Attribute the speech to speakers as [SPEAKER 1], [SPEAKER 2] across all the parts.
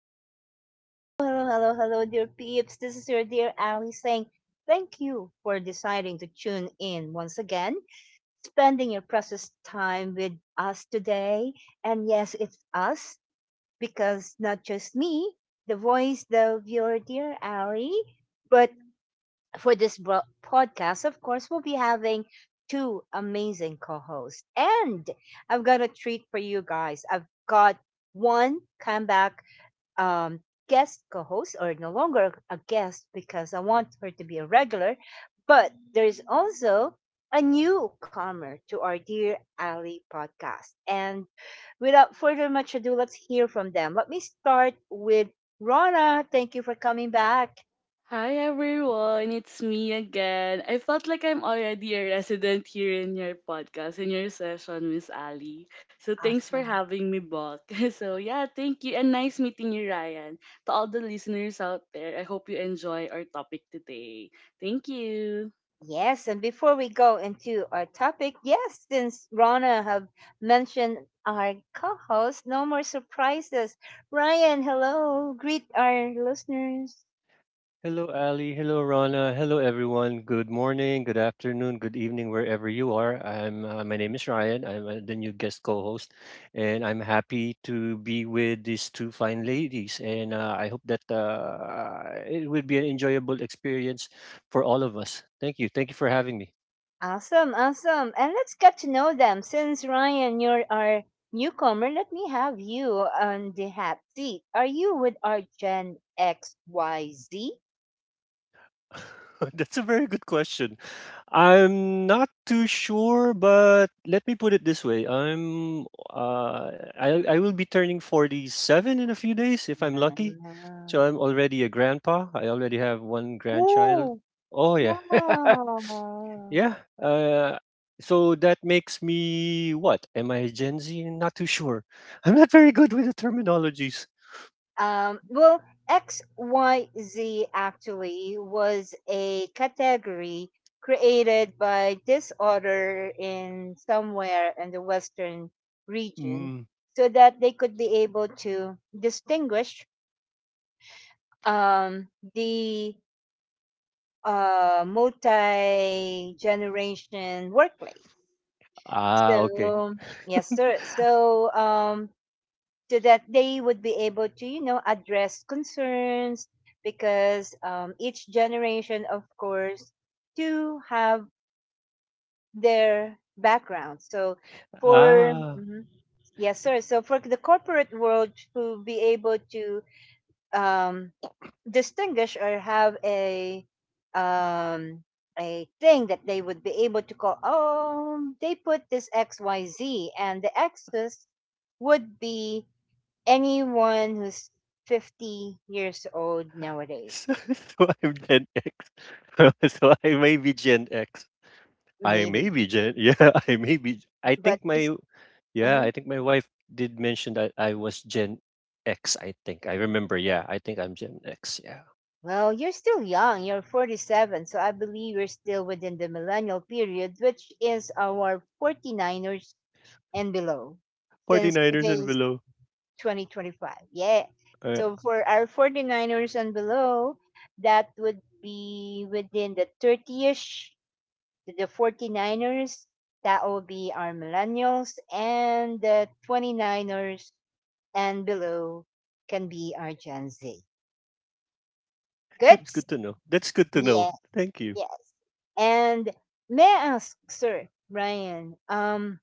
[SPEAKER 1] hello, hello, dear peeps. This is your dear Ali saying thank you for deciding to tune in once again, spending your precious time with us today. And yes, it's us because not just me, the voice of your dear Ali, but for this podcast, of course, we'll be having two amazing co hosts. And I've got a treat for you guys. I've got one comeback um, guest co host, or no longer a guest because I want her to be a regular. But there's also a newcomer to our Dear Ali podcast. And without further much ado, let's hear from them. Let me start with Rana. Thank you for coming back.
[SPEAKER 2] Hi everyone, it's me again. I felt like I'm already a resident here in your podcast, in your session, Miss Ali. So thanks for
[SPEAKER 1] Awesome.
[SPEAKER 2] having me back. So yeah, thank you and nice meeting you, Ryan. To all the listeners out there, I hope you enjoy our topic today. Thank you.
[SPEAKER 1] Yes, and before we go into our topic, yes, since Rana have mentioned our co-host, no more surprises. Ryan, hello, greet our listeners.
[SPEAKER 3] Hello, Ali. Hello, Rana. Hello, everyone. Good morning, good afternoon, good evening, wherever you are. I'm. My name is Ryan. I'm the new guest co-host, and I'm happy to be with these two fine ladies. And I hope that it will be an enjoyable experience for all of us. Thank you. Thank you for having me.
[SPEAKER 1] Awesome, awesome, and let's get to know them. Since Ryan, you're our newcomer, let me have you on the hot seat. Are you with our Gen X Y Z?
[SPEAKER 3] That's a very good question. I'm not too sure, but let me put it this way. Uh I will be turning 47 in a few days if I'm lucky. So
[SPEAKER 1] Ah.
[SPEAKER 3] I'm already a grandpa. I already have one grandchild.
[SPEAKER 1] Ooh,
[SPEAKER 3] Oh yeah.
[SPEAKER 1] wow.
[SPEAKER 3] yeah. Uh so that makes me what? Am I a Gen Z? Not too sure. I'm not very good with the terminologies.
[SPEAKER 1] Well, XYZ actually was a category created by disorder in somewhere in the Western region
[SPEAKER 3] Mm.
[SPEAKER 1] so that they could be able to distinguish um, the multi generation workplace.
[SPEAKER 3] Ah, okay.
[SPEAKER 1] So, yes, sir. So, so that they would be able to, you know, address concerns because each generation of course do have their background so for
[SPEAKER 3] Ah.
[SPEAKER 1] Mhm. Yes sir, so for the corporate world to be able to um, distinguish or have um, a thing that they would be able to call, oh, they put this xyz, and the x's would be anyone who's 50 years old nowadays.
[SPEAKER 3] So, so I'm Gen X. So I may be Gen X. I may
[SPEAKER 1] Maybe.
[SPEAKER 3] be Gen yeah, I may be I
[SPEAKER 1] But
[SPEAKER 3] think
[SPEAKER 1] just,
[SPEAKER 3] my yeah,
[SPEAKER 1] uh
[SPEAKER 3] I think my wife did mention that I was Gen X, I think. I remember, yeah. I think I'm Gen X, yeah.
[SPEAKER 1] well, you're still young. You're 47. So I believe you're still within the millennial period, which is our 40-niners and below, since
[SPEAKER 3] 49ers
[SPEAKER 1] today
[SPEAKER 3] and
[SPEAKER 1] is
[SPEAKER 3] below.
[SPEAKER 1] 2025. Yeah.
[SPEAKER 3] Uh,
[SPEAKER 1] So for our 40-niners and below, that would be within the 30ish, the 49ers, that will be our millennials, and the 29ers and below can be our Gen Z. Good?
[SPEAKER 3] that's good to know. That's good to know.
[SPEAKER 1] Yeah,
[SPEAKER 3] Thank you.
[SPEAKER 1] yes. And may I ask, sir, Brian,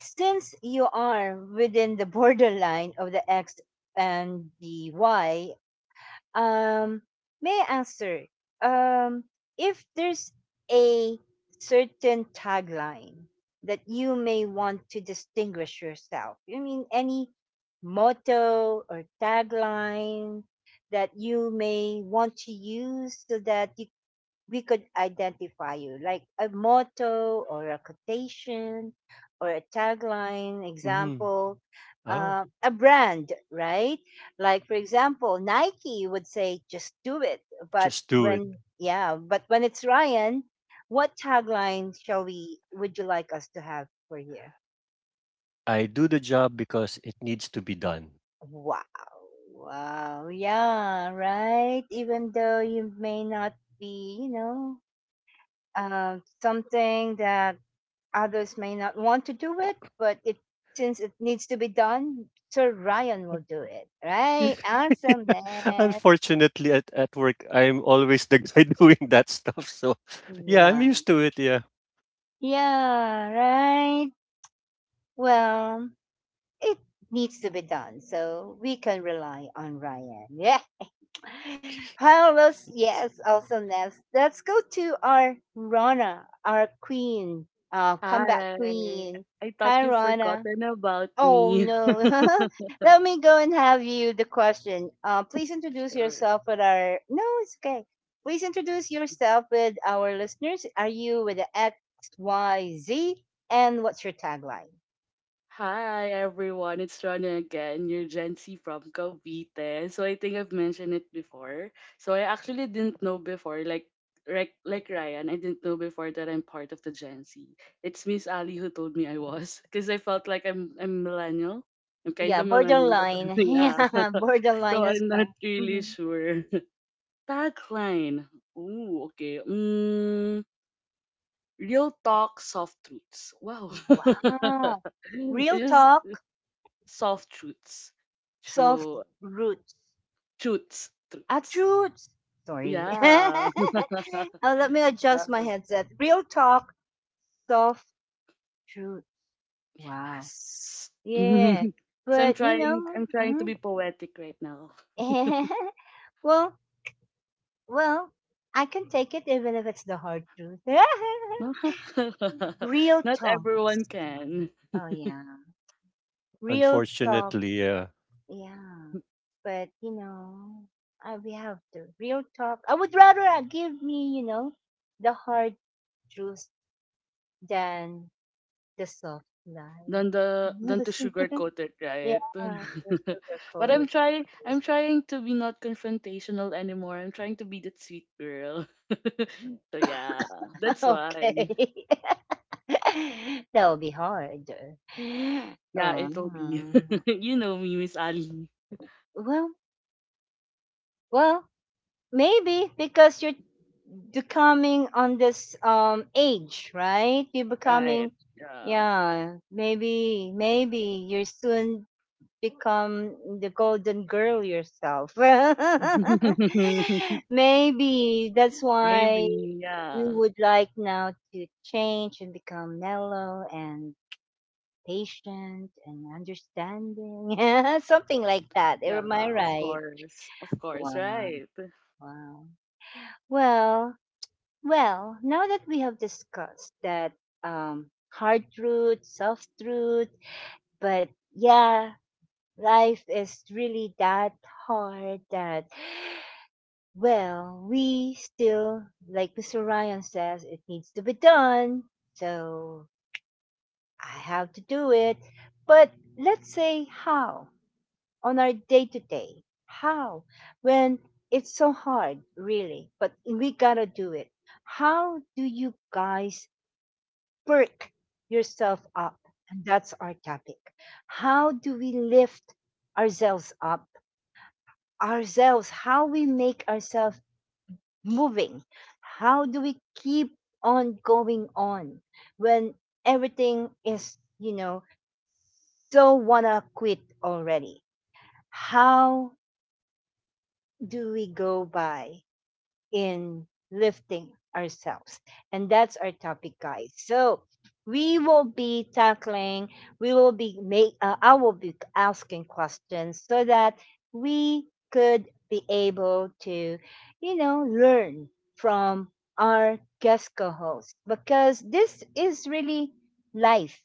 [SPEAKER 1] since you are within the borderline of the X and the Y. Um, may I answer? Um, if there's a certain tagline that you may want to distinguish yourself, I mean, any motto or tagline that you may want to use so that you we could identify you, like a motto or a quotation or a tagline,
[SPEAKER 3] hmm
[SPEAKER 1] example,
[SPEAKER 3] Oh,
[SPEAKER 1] a brand, right? Like, for example, Nike would say, just do it. But
[SPEAKER 3] just do it.
[SPEAKER 1] when, yeah, but when it's Ryan, what tagline would you like us to have for you?
[SPEAKER 3] I do the job because it needs to be done.
[SPEAKER 1] Wow. Wow. Yeah, right. Even though you may not be, you know, something that others may not want to do, it, but it since it needs to be done, Sir Ryan will do it. Right? Awesomeness.
[SPEAKER 3] Unfortunately, at work, I'm always the guy doing that stuff. So, yeah, I'm
[SPEAKER 1] Yeah.
[SPEAKER 3] used to it. Yeah.
[SPEAKER 1] Yeah, right. Well, it needs to be done, so we can rely on Ryan. Yeah. Hello, yes, awesomeness. Let's go to our Rana, our queen, comeback
[SPEAKER 2] Hi.
[SPEAKER 1] queen.
[SPEAKER 2] I
[SPEAKER 1] Hi,
[SPEAKER 2] thought you have
[SPEAKER 1] Rana.
[SPEAKER 2] forgotten about
[SPEAKER 1] Oh
[SPEAKER 2] me.
[SPEAKER 1] no. Let me go and have you the question. Please introduce
[SPEAKER 2] Sure.
[SPEAKER 1] yourself with our. No, it's okay. Please introduce yourself with our listeners. Are you with the X, Y, Z? And what's your tagline?
[SPEAKER 2] Hi everyone, it's Rana again, your Gen Z from Cavite. So I think I've mentioned it before. So I actually didn't know before, like Ryan, I didn't know before that I'm part of the Gen Z. It's Miss Ali who told me I was, because I felt like I'm millennial. I'm kind
[SPEAKER 1] Yeah,
[SPEAKER 2] of millennial, but
[SPEAKER 1] borderline.
[SPEAKER 2] yeah.
[SPEAKER 1] Yeah,
[SPEAKER 2] So
[SPEAKER 1] borderline as
[SPEAKER 2] I'm not
[SPEAKER 1] well.
[SPEAKER 2] really
[SPEAKER 1] Mhm.
[SPEAKER 2] sure. Tagline. Ooh, okay. Real talk, soft truths. Wow.
[SPEAKER 1] Wow.
[SPEAKER 2] It
[SPEAKER 1] Real
[SPEAKER 2] just.
[SPEAKER 1] talk,
[SPEAKER 2] Soft truths.
[SPEAKER 1] soft
[SPEAKER 2] So
[SPEAKER 1] roots.
[SPEAKER 2] truths, truths.
[SPEAKER 1] Uproots. Sorry.
[SPEAKER 2] Yeah.
[SPEAKER 1] Let me
[SPEAKER 2] Ah,
[SPEAKER 1] adjust my headset. Real talk, soft truth. Wow.
[SPEAKER 2] yes.
[SPEAKER 1] Yeah,
[SPEAKER 2] So I'm
[SPEAKER 1] but you know,
[SPEAKER 2] trying I'm trying to
[SPEAKER 1] mm,
[SPEAKER 2] be poetic right now.
[SPEAKER 1] well, well, I can take it even if it's the hard truth. Real
[SPEAKER 2] Not
[SPEAKER 1] talk.
[SPEAKER 2] everyone can.
[SPEAKER 1] Oh yeah, real talk.
[SPEAKER 3] Unfortunately, yeah.
[SPEAKER 1] Yeah, but you know, I we have the real talk. I would rather, give me, you know, the hard truth than the soft lie.
[SPEAKER 2] Than to sugarcoat it,
[SPEAKER 1] Yeah,
[SPEAKER 2] right?
[SPEAKER 1] the sugar
[SPEAKER 2] But I'm
[SPEAKER 1] coated.
[SPEAKER 2] trying I'm trying to be not confrontational anymore. I'm trying to be that sweet girl. So yeah, that's why.
[SPEAKER 1] Okay. That would be hard.
[SPEAKER 2] Yeah, it'll be.
[SPEAKER 1] Um,
[SPEAKER 2] You know me, Miss Ali.
[SPEAKER 1] well, well, maybe because you're becoming on this age, right? You're
[SPEAKER 2] Right.
[SPEAKER 1] becoming,
[SPEAKER 2] Yeah.
[SPEAKER 1] yeah, maybe, maybe you're soon become the golden girl yourself. Maybe that's why
[SPEAKER 2] Maybe.
[SPEAKER 1] you
[SPEAKER 2] Yeah.
[SPEAKER 1] would like now to change and become mellow and patient and understanding, something like that.
[SPEAKER 2] Yeah.
[SPEAKER 1] Am I
[SPEAKER 2] Of
[SPEAKER 1] right?
[SPEAKER 2] course. Of course.
[SPEAKER 1] Wow,
[SPEAKER 2] Right.
[SPEAKER 1] wow. Well, well, now that we have discussed that hard truth, soft truth, but yeah, life is really that hard that, well, we still, like Mr. Ryan says, it needs to be done. So I have to do it. But let's say how. On our day to day. How? When it's so hard, really, but we gotta do it. How do you guys perk yourself up? And that's our topic. How do we lift ourselves up? Ourselves, how we make ourselves moving? How do we keep on going on when everything is, you know, so wanna quit already? How do we go by in lifting ourselves? And that's our topic, guys. So we will be tackling, we will be make, I will be asking questions so that we could be able to, you know, learn from our guest co-host because this is really life.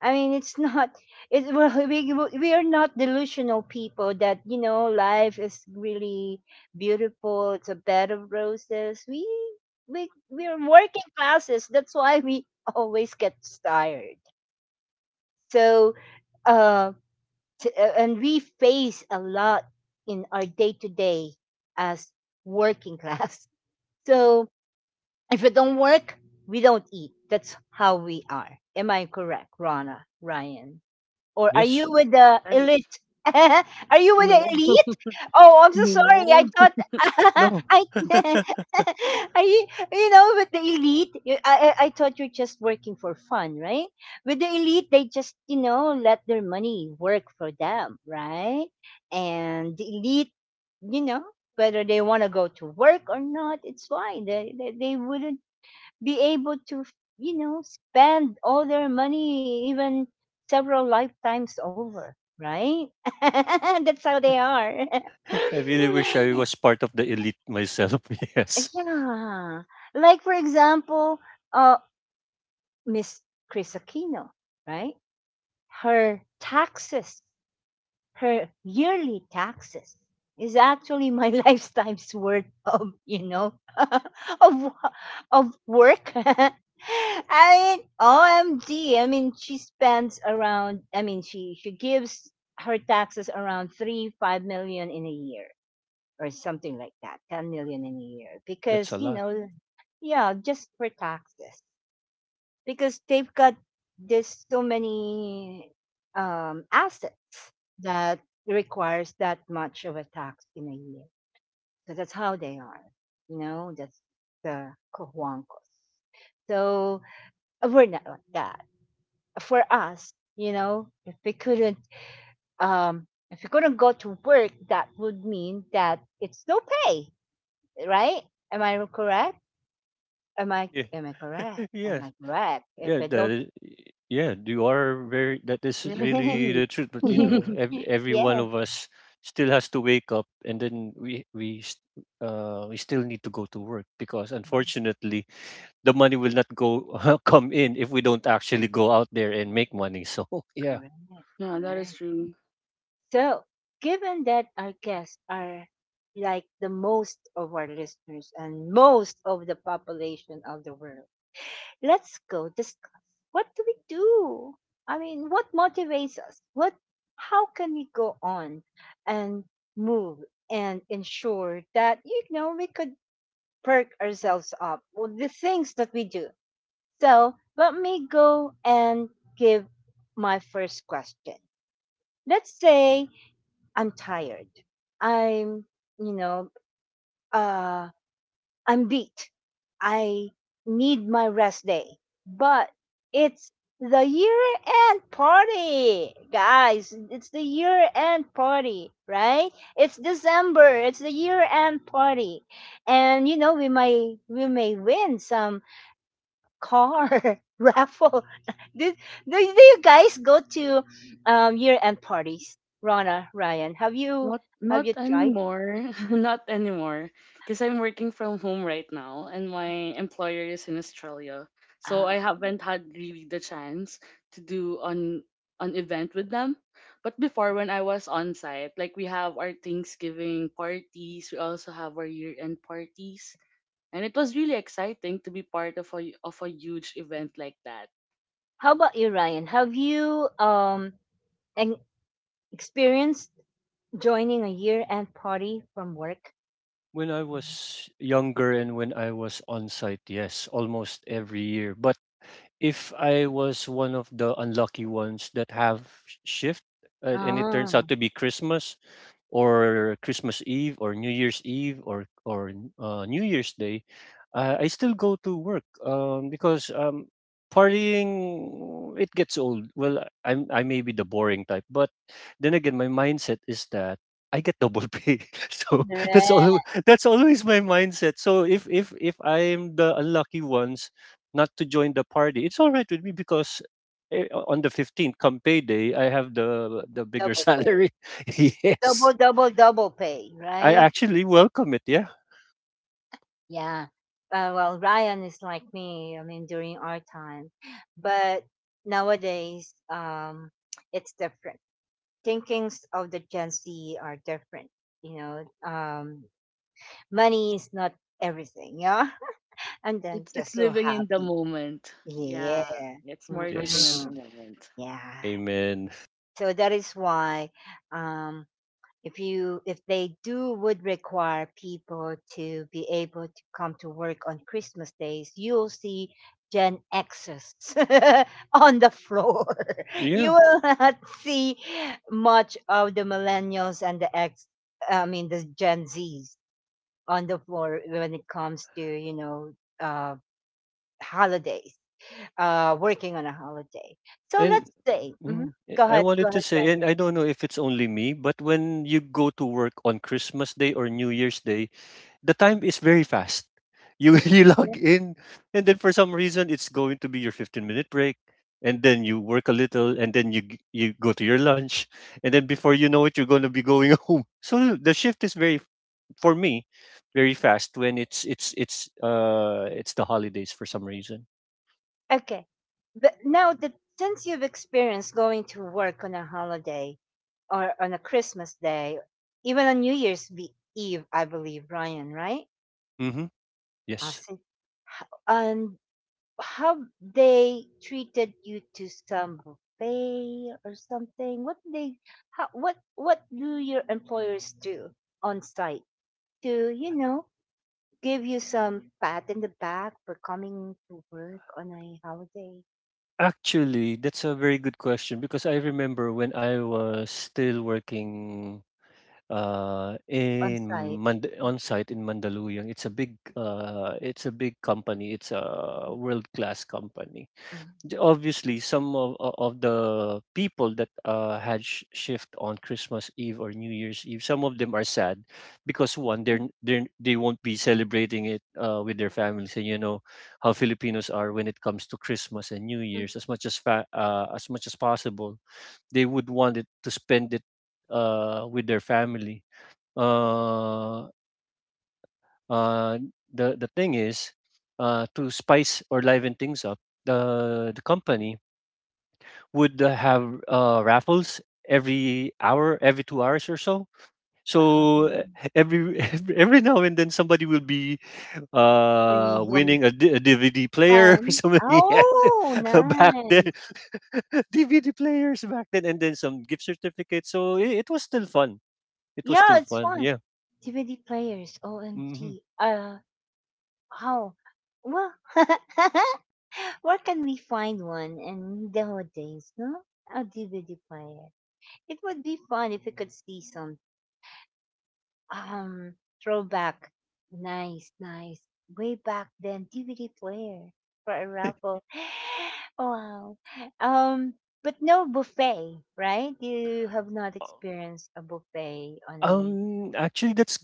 [SPEAKER 1] I mean, it's not. It, well, we are not delusional people that, you know, life is really beautiful. It's a bed of roses. We are working classes. That's why we always get tired. So, uh, and we face a lot in our day to day as working class. So if we don't work, we don't eat. That's how we are. Am I correct, Rana, Ryan? Or are
[SPEAKER 3] Yes.
[SPEAKER 1] you with the
[SPEAKER 2] Right.
[SPEAKER 1] elite? Are you with
[SPEAKER 2] No.
[SPEAKER 1] the elite? Oh, I'm so sorry. I
[SPEAKER 2] No.
[SPEAKER 1] thought
[SPEAKER 3] No.
[SPEAKER 1] I are you, you know, with the elite. I thought you're just working for fun, right? With the elite, they just, you know, let their money work for them, right? And the elite, you know, whether they want to go to work or not, it's fine. They wouldn't be able to, you know, spend all their money even several lifetimes over, right? That's how they are.
[SPEAKER 3] I really wish I was part of the elite myself. Yes.
[SPEAKER 1] Yeah. Like, for example, uh, Miss Chris Aquino, right? Her taxes. Her yearly taxes is actually my lifetime's worth of, you know, of work. I mean, OMG. I mean she spends around, I mean she gives her taxes around three five million in a year or something like that, 10 million in a year,
[SPEAKER 3] That's
[SPEAKER 1] because
[SPEAKER 3] a
[SPEAKER 1] you
[SPEAKER 3] lot.
[SPEAKER 1] know, yeah, just for taxes because they've got this so many assets that requires that much of a tax in a year. So that's how they are. You know, that's the Cojuancos. So we're not like that. For us, you know, if we couldn't go to work, that would mean that it's no pay, right? Am I correct?
[SPEAKER 3] Yeah.
[SPEAKER 1] Am
[SPEAKER 3] Yes.
[SPEAKER 1] I correct? If
[SPEAKER 3] Yeah.
[SPEAKER 1] I don't,
[SPEAKER 3] Is, yeah. You are that is
[SPEAKER 2] Yes.
[SPEAKER 3] really
[SPEAKER 2] Mm.
[SPEAKER 3] the truth. But, you know, every one
[SPEAKER 1] yes.
[SPEAKER 3] of us still has to wake up, and then we still need to go to work because
[SPEAKER 1] Yes,
[SPEAKER 3] unfortunately, the money will not go come in if we don't actually go out there and make money. So yeah,
[SPEAKER 1] correct,
[SPEAKER 2] Yeah, that is
[SPEAKER 1] correct.
[SPEAKER 2] true.
[SPEAKER 1] So, given that our guests are like the most of our listeners and most of the population of the world, let's go discuss what do we do? I mean, what motivates us? What, how can we go on and move and ensure that, you know, we could perk ourselves up with the things that we do? So, let me go and give my first question. Let's say I'm tired. I'm, you know, uh, I'm beat. I need my rest day. But it's the year end party, guys. It's the year end party, right? It's December. It's the year end party. And, you know, we may win some car raffle. Did, do you guys go to year-end parties? Rana, Ryan,
[SPEAKER 2] Not
[SPEAKER 1] have you
[SPEAKER 2] not
[SPEAKER 1] tried?
[SPEAKER 2] anymore. Not anymore. Because I'm working from home right now and my employer is in Australia. So
[SPEAKER 1] Ah,
[SPEAKER 2] I haven't had really the chance to do on an event with them. But before when I was on site, like we have our Thanksgiving parties, we also have our year end parties. And it was really exciting to be part of a huge event like that.
[SPEAKER 1] how about you, Ryan? Have you and experienced joining a year-end party from work?
[SPEAKER 3] when I was younger and when I was on site, yes, almost every year. But if I was one of the unlucky ones that have shift and it
[SPEAKER 1] Ah,
[SPEAKER 3] turns out to be Christmas or Christmas Eve or New Year's Eve or New Year's Day, I still go to work because partying, it gets old. Well, I may be the boring type, but then again, my mindset is that I get double pay, so that's all.
[SPEAKER 1] correct.
[SPEAKER 3] That's always my mindset. So if I'm the unlucky ones not to join the party, it's all right with me because on the 15th, come payday, I have the bigger
[SPEAKER 1] Double pay.
[SPEAKER 3] salary.
[SPEAKER 1] Double,
[SPEAKER 3] yes,
[SPEAKER 1] double, double pay,
[SPEAKER 3] I
[SPEAKER 1] right?
[SPEAKER 3] actually welcome it. Yeah.
[SPEAKER 1] Yeah. Well, Ryan is like me. I mean, during our time, but nowadays, it's different. Thinkings of the Gen Z are different. You know, um, money is not everything, yeah. And then
[SPEAKER 2] It's
[SPEAKER 1] just so
[SPEAKER 2] living in the
[SPEAKER 1] happy,
[SPEAKER 2] moment.
[SPEAKER 1] yeah,
[SPEAKER 2] Yeah. It's more living in
[SPEAKER 3] Yes.
[SPEAKER 2] the
[SPEAKER 1] Mm-mm.
[SPEAKER 2] moment.
[SPEAKER 1] Yeah.
[SPEAKER 3] Amen.
[SPEAKER 1] So that is why um, if you if they do would require people to be able to come to work on Christmas days, you'll see gen Xers on the floor.
[SPEAKER 3] Yeah.
[SPEAKER 1] You will not see much of the millennials and the x I mean the gen z's on the floor when it comes to, you know, uh holidays, working on a holiday. So
[SPEAKER 3] And
[SPEAKER 1] let's say Mhm. Go
[SPEAKER 3] I
[SPEAKER 1] ahead, go
[SPEAKER 3] wanted to
[SPEAKER 1] ahead,
[SPEAKER 3] say, and
[SPEAKER 1] Ryan.
[SPEAKER 3] I don't know if it's only me, but when you go to work on Christmas Day or New Year's Day, the time is very fast. You you log in, and then for some reason it's going to be your 15-minute minute break, and then you work a little, and then you go to your lunch, and then before you know it, you're going to be going home. So the shift is very for me very fast when it's the holidays for some reason.
[SPEAKER 1] Okay. But now that since you've experienced going to work on a holiday or on a Christmas day, even on Eve, I believe, Ryan, right?
[SPEAKER 3] Mm-hmm.
[SPEAKER 1] I
[SPEAKER 3] Yes.
[SPEAKER 1] see. And how they treated you to some buffet or something? What they how what do your employers do on site to, you know, give you some pat in the back for coming to work on a holiday
[SPEAKER 3] Actually, that's a very good question because I remember when I was still working
[SPEAKER 1] on
[SPEAKER 3] in
[SPEAKER 1] site?
[SPEAKER 3] On site in Mandaluyong. It's a big company. It's a world class company.
[SPEAKER 1] Mhm.
[SPEAKER 3] Obviously, of the people that had shift on Christmas Eve or New Year's Eve, some of them are sad because one, they won't be celebrating it with their families, and you know how Filipinos are when it comes to Christmas and New Year's. As much as possible, they would want it to spend it with their family uh, uh, the thing is, to spice or liven things up, the company would have raffles every hour, every 2 hours or so. So
[SPEAKER 1] Um,
[SPEAKER 3] every every now and then somebody will be
[SPEAKER 1] free home
[SPEAKER 3] winning a DVD player or
[SPEAKER 1] cam.
[SPEAKER 3] somebody had
[SPEAKER 1] Oh,
[SPEAKER 3] back then
[SPEAKER 1] nice.
[SPEAKER 3] DVD players back then, and then some gift certificates. So it was still fun. It was
[SPEAKER 1] Yeah,
[SPEAKER 3] still
[SPEAKER 1] it's
[SPEAKER 3] fun.
[SPEAKER 1] fun.
[SPEAKER 3] Yeah.
[SPEAKER 1] DVD players.
[SPEAKER 3] hmm
[SPEAKER 1] OMG. How? Well, where can we find one in nowadays? No, a DVD player. It would be fun if we could see some. Um, Throwback. Nice, nice. Way back then, DVD player for a raffle. Wow. Um, but no buffet, right? You have not experienced a buffet on a.
[SPEAKER 3] Actually, that's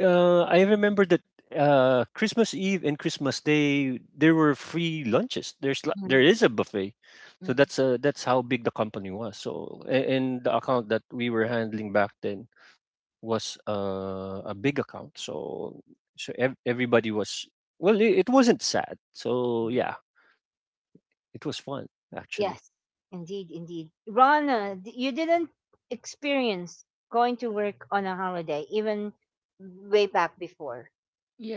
[SPEAKER 3] I remember that Christmas Eve and Christmas Day there were free lunches.
[SPEAKER 1] Mhm,
[SPEAKER 3] There is a buffet, so
[SPEAKER 1] mhm.
[SPEAKER 3] that's how big the company was. So and the account that we were handling back then was a big account. So everybody was well. It wasn't sad. So yeah, it was fun actually.
[SPEAKER 1] Yes, indeed, indeed. Rana, you didn't experience going to work on a holiday, even way back before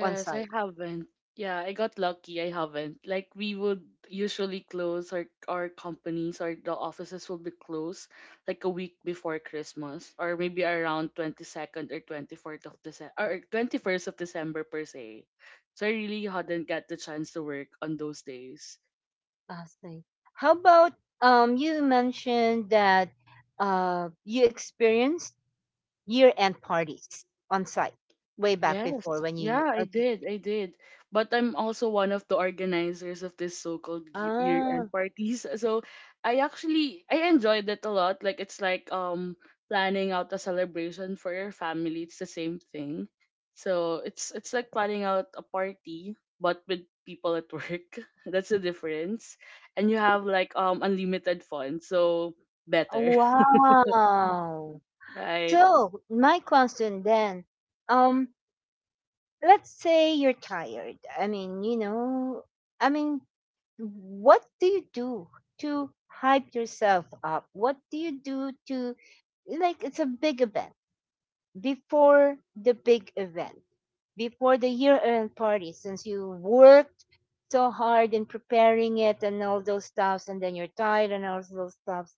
[SPEAKER 1] on
[SPEAKER 2] I
[SPEAKER 1] site.
[SPEAKER 2] haven't. Yeah, I got lucky. I haven't. Like we would usually close our companies or the offices will be closed like a week before Christmas, or maybe around 22nd or 24th of December or 21st of December per se. So I really hadn't got the chance to work on those days.
[SPEAKER 1] I see. How about you mentioned that you experienced year-end parties on site way back before
[SPEAKER 2] Yes,
[SPEAKER 1] when
[SPEAKER 2] yeah,
[SPEAKER 1] you
[SPEAKER 2] I
[SPEAKER 1] okay.
[SPEAKER 2] did. I did. But I'm also one of the organizers of this so-called year-end
[SPEAKER 1] Ah,
[SPEAKER 2] parties. So I actually I enjoyed it a lot. Like it's like planning out a celebration for your family. It's the same thing. So it's like planning out a party but with people at work. That's the difference. And you have like unlimited funds. So better.
[SPEAKER 1] wow.
[SPEAKER 2] Right.
[SPEAKER 1] So, my question then, um let's say you're tired. I mean, what do you do to hype yourself up? What do you do to like it's a big event before the big event, before the year end party, since you worked so hard in preparing it and all those stuffs, and then you're tired and all those stuffs.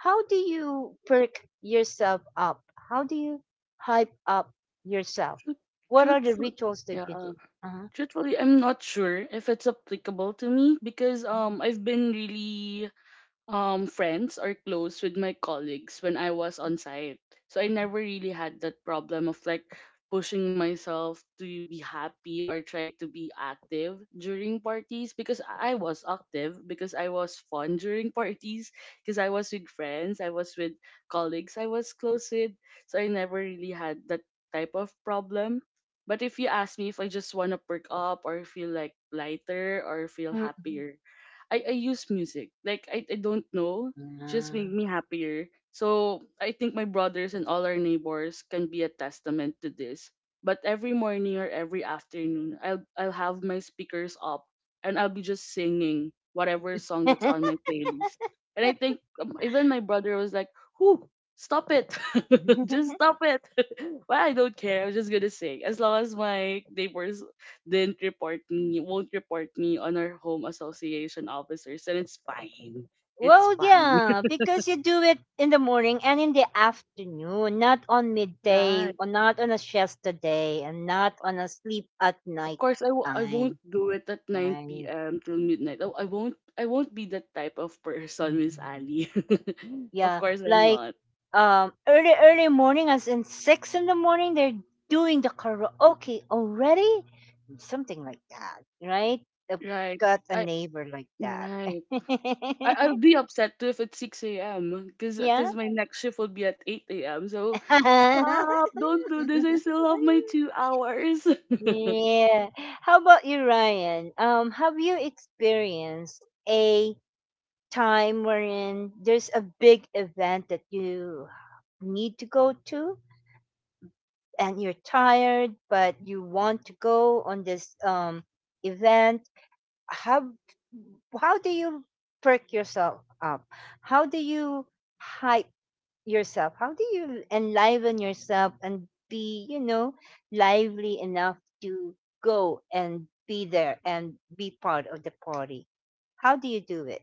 [SPEAKER 1] How do you perk yourself up? How do you hype up yourself? What are the
[SPEAKER 2] Truthful.
[SPEAKER 1] rituals that you
[SPEAKER 2] Yeah.
[SPEAKER 1] do? Uh-huh.
[SPEAKER 2] Truthfully, I'm not sure if it's applicable to me because I've been really friends or close with my colleagues when I was on site. So I never really had that problem of like pushing myself to be happy or try to be active during parties, because I was active, because I was fun during parties, because I was with friends, I was with colleagues I was close with. So I never really had that type of problem. But if you ask me, if I just want to perk up or feel like lighter or feel
[SPEAKER 1] Mm-mm.
[SPEAKER 2] happier, I use music. Like I don't know. Just make me happier. So I think my brothers and all our neighbors can be a testament to this. But every morning or every afternoon I'll have my speakers up and I'll be just singing whatever song that's on
[SPEAKER 1] Ah.
[SPEAKER 2] my playlist. And I think even my brother was like, "Whoo, stop it. Just stop it." Well, I don't care. I'm just gonna sing. As long as my neighbors didn't report me, won't report me on our home association officers, and it's fine. It's
[SPEAKER 1] Well,
[SPEAKER 2] fine.
[SPEAKER 1] yeah, because you do it in the morning and in the afternoon, not on midday,
[SPEAKER 2] Right.
[SPEAKER 1] or not on a siesta day, and not on a sleep at
[SPEAKER 2] Of
[SPEAKER 1] night
[SPEAKER 2] course, I won't
[SPEAKER 1] time,
[SPEAKER 2] do it at 9
[SPEAKER 1] right?
[SPEAKER 2] p.m. till midnight. I won't be that type of person, Miss
[SPEAKER 1] Mm-mm.
[SPEAKER 2] Ali. Of
[SPEAKER 1] Yeah,
[SPEAKER 2] course, I'm
[SPEAKER 1] like
[SPEAKER 2] not.
[SPEAKER 1] early early morning, as in six in the morning, they're doing the karaoke already, something like that, right? I've
[SPEAKER 2] Right.
[SPEAKER 1] got a
[SPEAKER 2] I
[SPEAKER 1] neighbor like that.
[SPEAKER 2] right. I'll be upset too if it's 6 a.m. Cause,
[SPEAKER 1] Yeah.
[SPEAKER 2] cause my next shift will be at 8 a.m. So stop! Don't do this. I still have my two hours.
[SPEAKER 1] Yeah. How about you, Ryan? Have you experienced a time wherein there's a big event that you need to go to and you're tired but you want to go on this event? How how do you perk yourself up? How do you hype yourself? How do you enliven yourself and be, you know, lively enough to go and be there and be part of the party? How do you do it?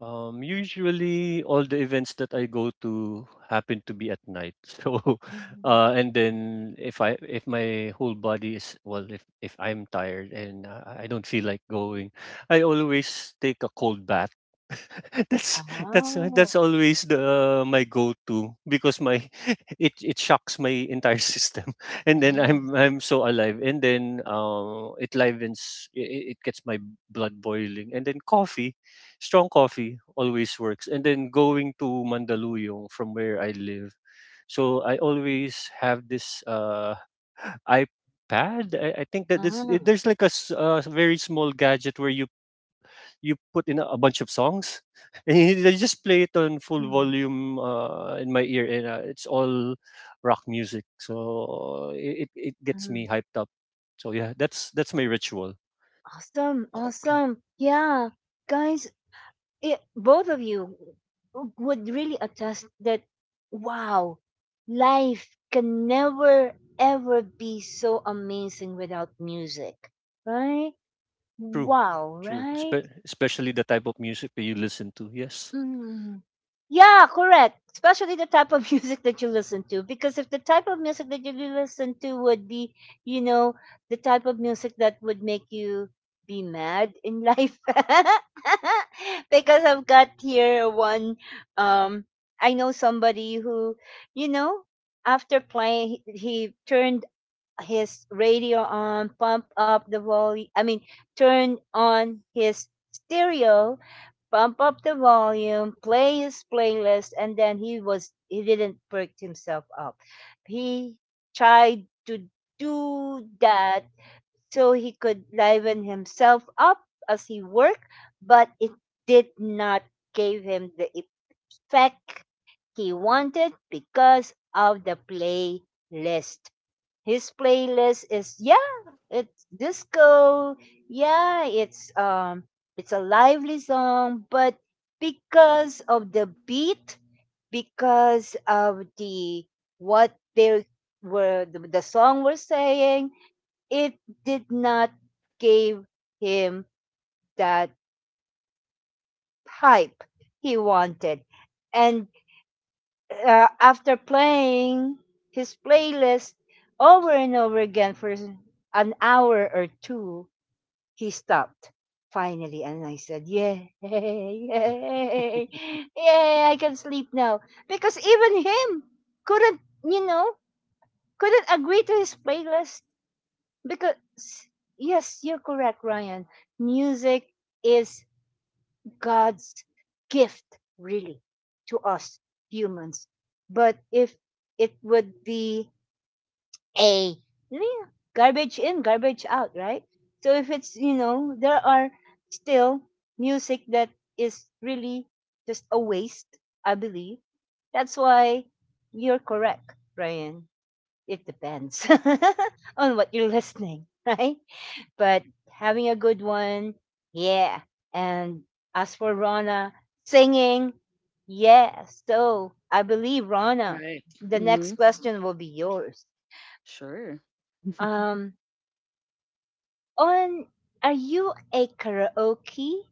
[SPEAKER 3] Usually all the events that I go to happen to be at night. So,
[SPEAKER 1] Mhm.
[SPEAKER 3] and then if my whole body is well, if I'm tired and I don't feel like going, I always take a cold bath. that's that's
[SPEAKER 1] Oh,
[SPEAKER 3] always the my go-to because my it shocks my entire system and then
[SPEAKER 1] nice.
[SPEAKER 3] I'm so alive, and then it livens, it gets my blood boiling, and then coffee strong coffee always works. And then going to Mandaluyong from where I live. So I always have this iPad. I think that
[SPEAKER 1] Ah.
[SPEAKER 3] there's like very small gadget where you put in a bunch of songs and I just play it on full
[SPEAKER 1] Mhm.
[SPEAKER 3] volume in my ear, and it's all rock music. So it gets
[SPEAKER 1] Mm-hmm.
[SPEAKER 3] me hyped up. So yeah, that's my ritual.
[SPEAKER 1] Awesome, awesome. Yeah. Guys, it, both of you would really attest that wow, life can never ever be so amazing without music, right?
[SPEAKER 3] True,
[SPEAKER 1] Wow, right.
[SPEAKER 3] Especially the type of music that you listen to. Yes.
[SPEAKER 1] Mm. Yeah, correct. Especially the type of music that you listen to. Because if the type of music that you listen to would be, you know, the type of music that would make you be mad in life. Because I've got here one um I know somebody who, you know, after playing he turned his radio on, pump up the volume, I mean, turned on his stereo, bump up the volume, play his playlist, and then he didn't perk himself up. He tried to do that so he could liven himself up as he worked, but it did not give him the effect he wanted because of the playlist. His playlist is, yeah, it's disco, yeah, it's a lively song, but because of the beat, because of what they the song was saying, it did not give him that hype he wanted. And after playing his playlist over and over again for an hour or two, he stopped finally. And I said, "Yay, yay,
[SPEAKER 3] I
[SPEAKER 1] yay, I can sleep now." Because even him couldn't, you know, couldn't agree to his playlist. Because, yes, you're correct, Ryan. Music is God's gift, really, to us humans. But if it would be a, yeah, garbage in, garbage out, right? So if it's, you know, there are still music that is really just a waste, I believe. That's why you're correct, Ryan. It depends on what you're listening, right? But having a good one, yeah. And as for Rana, singing, yeah. So I believe Rana,
[SPEAKER 2] Right.
[SPEAKER 1] the next
[SPEAKER 2] Mm-hmm.
[SPEAKER 1] question will be yours.
[SPEAKER 2] Sure.
[SPEAKER 1] Um, on are you a karaoke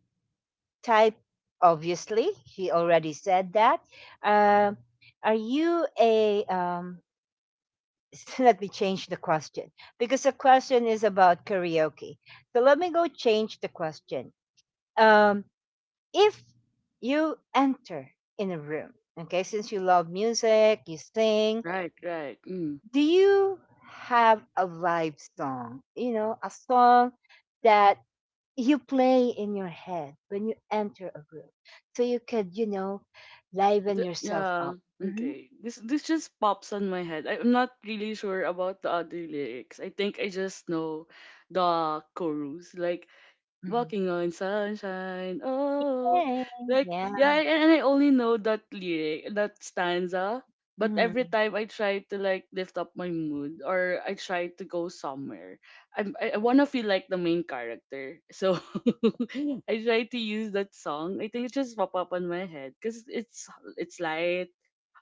[SPEAKER 1] type? Obviously, she already said that. Uh, are you a um? Let me change the question because the question is about karaoke. So let me go change the question. Um, if you enter in a room, okay, since you love music, you sing,
[SPEAKER 2] Right, right. Mm.
[SPEAKER 1] do you have a vibe song? You know, a song that you play in your head when you enter a room so you could, you know, liven yourself
[SPEAKER 2] Yeah.
[SPEAKER 1] up. Hmm.
[SPEAKER 2] Okay. This just pops on my head. I'm not really sure about the other lyrics. I think I just know the chorus. Like,
[SPEAKER 1] Hmm.
[SPEAKER 2] "Walking on sunshine." Oh,
[SPEAKER 1] Hey,
[SPEAKER 2] like
[SPEAKER 1] yeah.
[SPEAKER 2] yeah, and I only know that lyric, that stanza. But every
[SPEAKER 1] Hmm.
[SPEAKER 2] time I try to like lift up my mood or I try to go somewhere, I wanna feel like the main character. So I try to use that song. I think it just pop up on my head because it's light,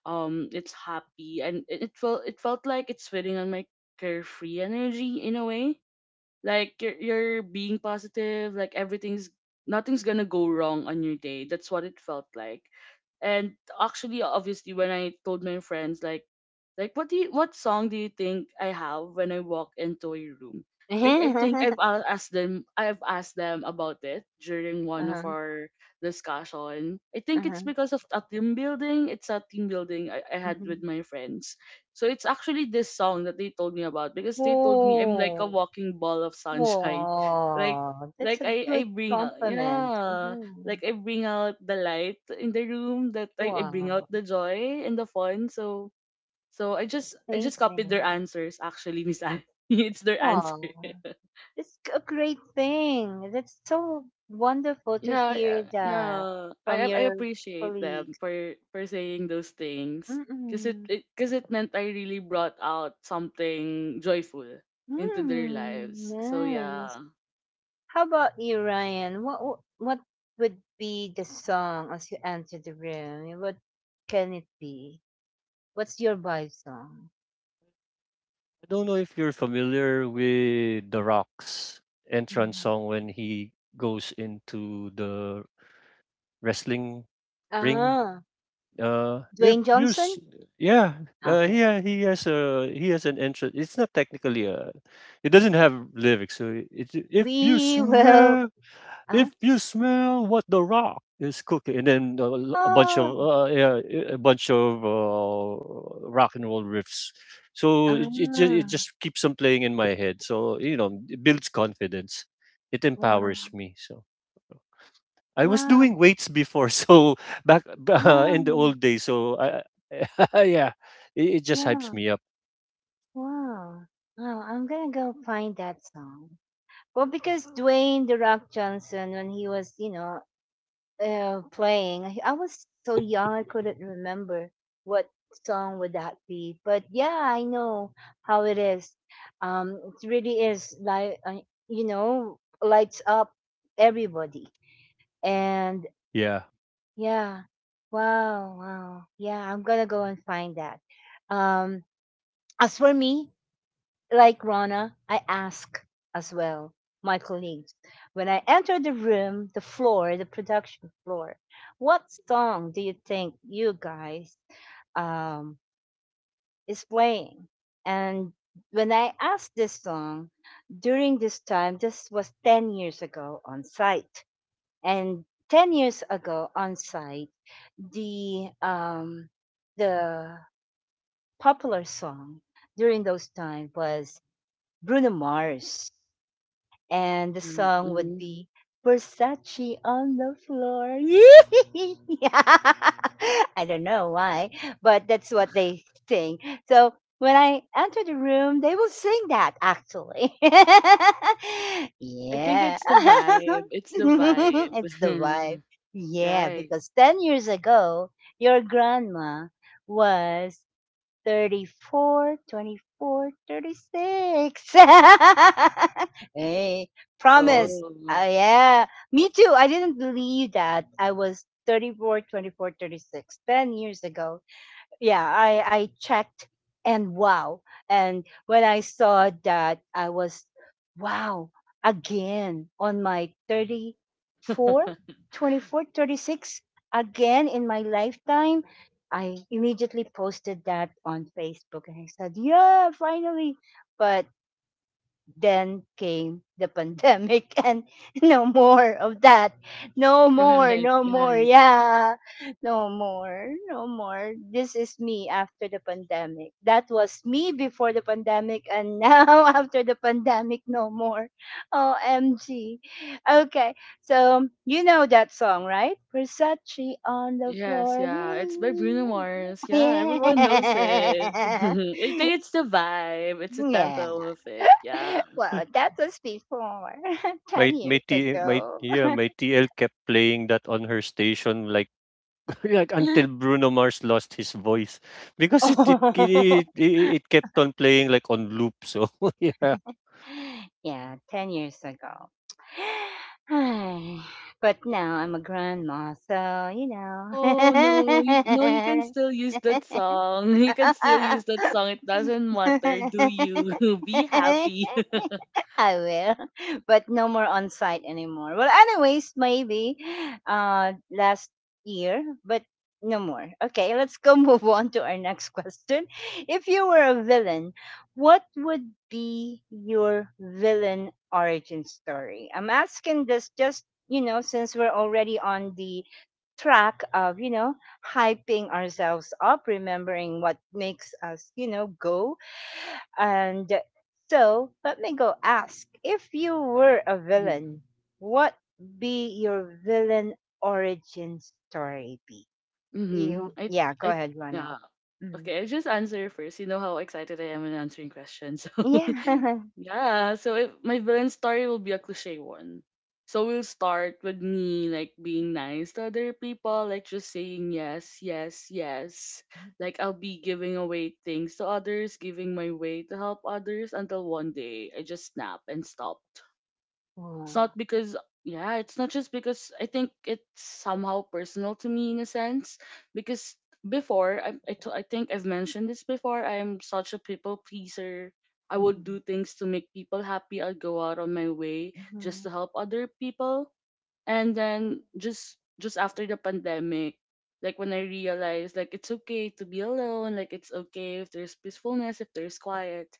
[SPEAKER 2] it's happy, and it felt like it's fitting on my carefree energy, in a way like you're being positive, like everything's nothing's gonna go wrong on your day. That's what it felt like. And actually, obviously, when I told my friends, like what song do you think I have when I walk into a room, I think
[SPEAKER 1] Uh-huh,
[SPEAKER 2] I've asked them about it during one of
[SPEAKER 1] uh-huh,
[SPEAKER 2] our discussion. I think it's because of a team building, it's a team building I had with
[SPEAKER 1] mhm.
[SPEAKER 2] my friends. So it's actually this song that they told me about, because they told me I'm like a
[SPEAKER 1] Oh,
[SPEAKER 2] walking ball of sunshine. Like
[SPEAKER 1] oh, that's
[SPEAKER 2] like
[SPEAKER 1] a
[SPEAKER 2] I
[SPEAKER 1] good
[SPEAKER 2] bring out,
[SPEAKER 1] compliment.
[SPEAKER 2] yeah,
[SPEAKER 1] Mm-hmm.
[SPEAKER 2] like I bring out the light in the room, that I bring out
[SPEAKER 1] Wow,
[SPEAKER 2] the joy and the fun. So I just copied their
[SPEAKER 1] amazing.
[SPEAKER 2] answers actually, Miss Anne. It's their answer.
[SPEAKER 1] Wow, it's a great thing. That's so wonderful to
[SPEAKER 2] Yeah,
[SPEAKER 1] hear
[SPEAKER 2] yeah, yeah.
[SPEAKER 1] that
[SPEAKER 2] I
[SPEAKER 1] from
[SPEAKER 2] I I
[SPEAKER 1] your
[SPEAKER 2] appreciate them
[SPEAKER 1] colleagues.
[SPEAKER 2] for saying those things, because it
[SPEAKER 1] Mm-mm.
[SPEAKER 2] it because it meant I really brought out something joyful into their
[SPEAKER 1] Mm,
[SPEAKER 2] lives. So
[SPEAKER 1] nice.
[SPEAKER 2] yeah,
[SPEAKER 1] How about you, Ryan? What would be the song as you enter the room? What can it be? What's your vibe song?
[SPEAKER 3] don't know if you're familiar with The Rock's entrance
[SPEAKER 1] Mm.
[SPEAKER 3] song when he goes into the wrestling ring.
[SPEAKER 1] Ah,
[SPEAKER 3] If
[SPEAKER 1] Dwayne
[SPEAKER 3] you s-
[SPEAKER 1] Johnson?
[SPEAKER 3] Yeah,
[SPEAKER 1] Okay.
[SPEAKER 3] he has a he has an interest. It's not technically a, it doesn't have lyrics. So it's
[SPEAKER 1] We will.
[SPEAKER 3] if
[SPEAKER 1] uh,
[SPEAKER 3] you smell what the rock is cooking, and then a bunch of
[SPEAKER 1] Ah, oh,
[SPEAKER 3] a bunch of rock and roll riffs. So it
[SPEAKER 1] ah.
[SPEAKER 3] just keeps on playing in my head. So you know, it builds confidence. It
[SPEAKER 1] Wow,
[SPEAKER 3] empowers me. So. uh. I was
[SPEAKER 1] wow,
[SPEAKER 3] doing weights before, so back
[SPEAKER 1] wow,
[SPEAKER 3] in the old days. So I, yeah, it just hypes
[SPEAKER 1] wow,
[SPEAKER 3] me up.
[SPEAKER 1] wow. Wow, I'm gonna go find that song. Well, because Dwayne The Rock Johnson, when he was, you know, playing, I was so young I couldn't remember what song would that be. But yeah, I know how it is. It really is like, you know, lights up everybody. And
[SPEAKER 3] Yeah.
[SPEAKER 1] yeah, wow, wow. Yeah, I'm gonna go and find that. Um, As for me, like Rana, I ask as well my colleagues when I enter the room, the floor, the production floor, what song do you think you guys um, is playing? And when I asked this song during this time, this was 10 years ago on site. And 10 years ago on site, the, um, the popular song during those time was Bruno Mars. And the
[SPEAKER 2] right.
[SPEAKER 1] song would
[SPEAKER 2] Mhm.
[SPEAKER 1] be Versace on the Floor. I don't know why, but that's what they sing. So when I enter the room, they will sing that actually.
[SPEAKER 2] I think
[SPEAKER 1] Yeah.
[SPEAKER 2] it's the vibe. It's the
[SPEAKER 1] It's the vibe.
[SPEAKER 2] vibe,
[SPEAKER 1] Yeah,
[SPEAKER 2] right?
[SPEAKER 1] because 10 years ago, your grandma was 34 24, 36. Hey,
[SPEAKER 3] Wow.
[SPEAKER 1] promise.
[SPEAKER 2] Oh,
[SPEAKER 1] Yeah, me too. I didn't believe that I was 34, 24, 36 ten years ago. Yeah, I checked and wow. And when I saw that, I was wow again on my 34, 24, 36 again in my lifetime. I immediately posted that on Facebook and I said, "Yeah, finally." But then came the pandemic and no more of that. No more,
[SPEAKER 2] right,
[SPEAKER 1] no more.
[SPEAKER 2] right.
[SPEAKER 1] Yeah. No more, no more. This is me after the pandemic. That was me before the pandemic and now after the pandemic, no more. OMG. Okay. So you know that song, right? Versace on the
[SPEAKER 2] Yes,
[SPEAKER 1] Floor.
[SPEAKER 2] yeah. It's by Bruno Mars. Yeah, everyone knows
[SPEAKER 1] Yeah.
[SPEAKER 2] it. I think it's the vibe. It's the
[SPEAKER 1] Yeah.
[SPEAKER 2] tempo of it. Yeah.
[SPEAKER 1] Well, that was before 10
[SPEAKER 3] My
[SPEAKER 1] years
[SPEAKER 3] T my
[SPEAKER 1] ago.
[SPEAKER 3] yeah my TL kept playing that on her station, like like until Bruno Mars lost his voice because
[SPEAKER 1] Oh.
[SPEAKER 3] it kept on playing like on loop. So yeah,
[SPEAKER 1] Yeah, 10 years ago. Hi. But now I'm a grandma, so you know.
[SPEAKER 2] No, no, no, you can still use that song. You can still use that song. It doesn't matter. Do you be happy?
[SPEAKER 1] I will, but no more on site anymore. Well, anyways, maybe last year, but no more. Okay, let's go move on to our next question. If you were a villain, what would be your villain origin story? I'm asking this just, you know, since we're already on the track of, you know, hyping ourselves up, remembering what makes us, you know, go. And so let me go ask if you were a villain, what be your villain origin story be?
[SPEAKER 2] Mm-hmm.
[SPEAKER 1] You,
[SPEAKER 2] I
[SPEAKER 1] yeah, go
[SPEAKER 2] I
[SPEAKER 1] ahead,
[SPEAKER 2] yeah.
[SPEAKER 1] Rana. Mhm.
[SPEAKER 2] Okay, I just answer first. You know how excited I am in answering questions.
[SPEAKER 1] Yeah.
[SPEAKER 2] So yeah, so if my villain story will be a cliche one. So we'll start with me like being nice to other people, like just saying yes, yes, yes. Like I'll be giving away things to others, giving my way to help others until one day I just snap and stop. It's
[SPEAKER 1] Oh.
[SPEAKER 2] not because, yeah, it's not just because, I think it's somehow personal to me in a sense, because before I think I've mentioned this before. I am such a people pleaser. I would
[SPEAKER 1] Mhm.
[SPEAKER 2] do things to make people happy. I'd go out on my way just to
[SPEAKER 1] Mhm.
[SPEAKER 2] help other people. And then just after the pandemic, like when I realized like it's okay to be alone, like it's okay if there's peacefulness, if there's quiet.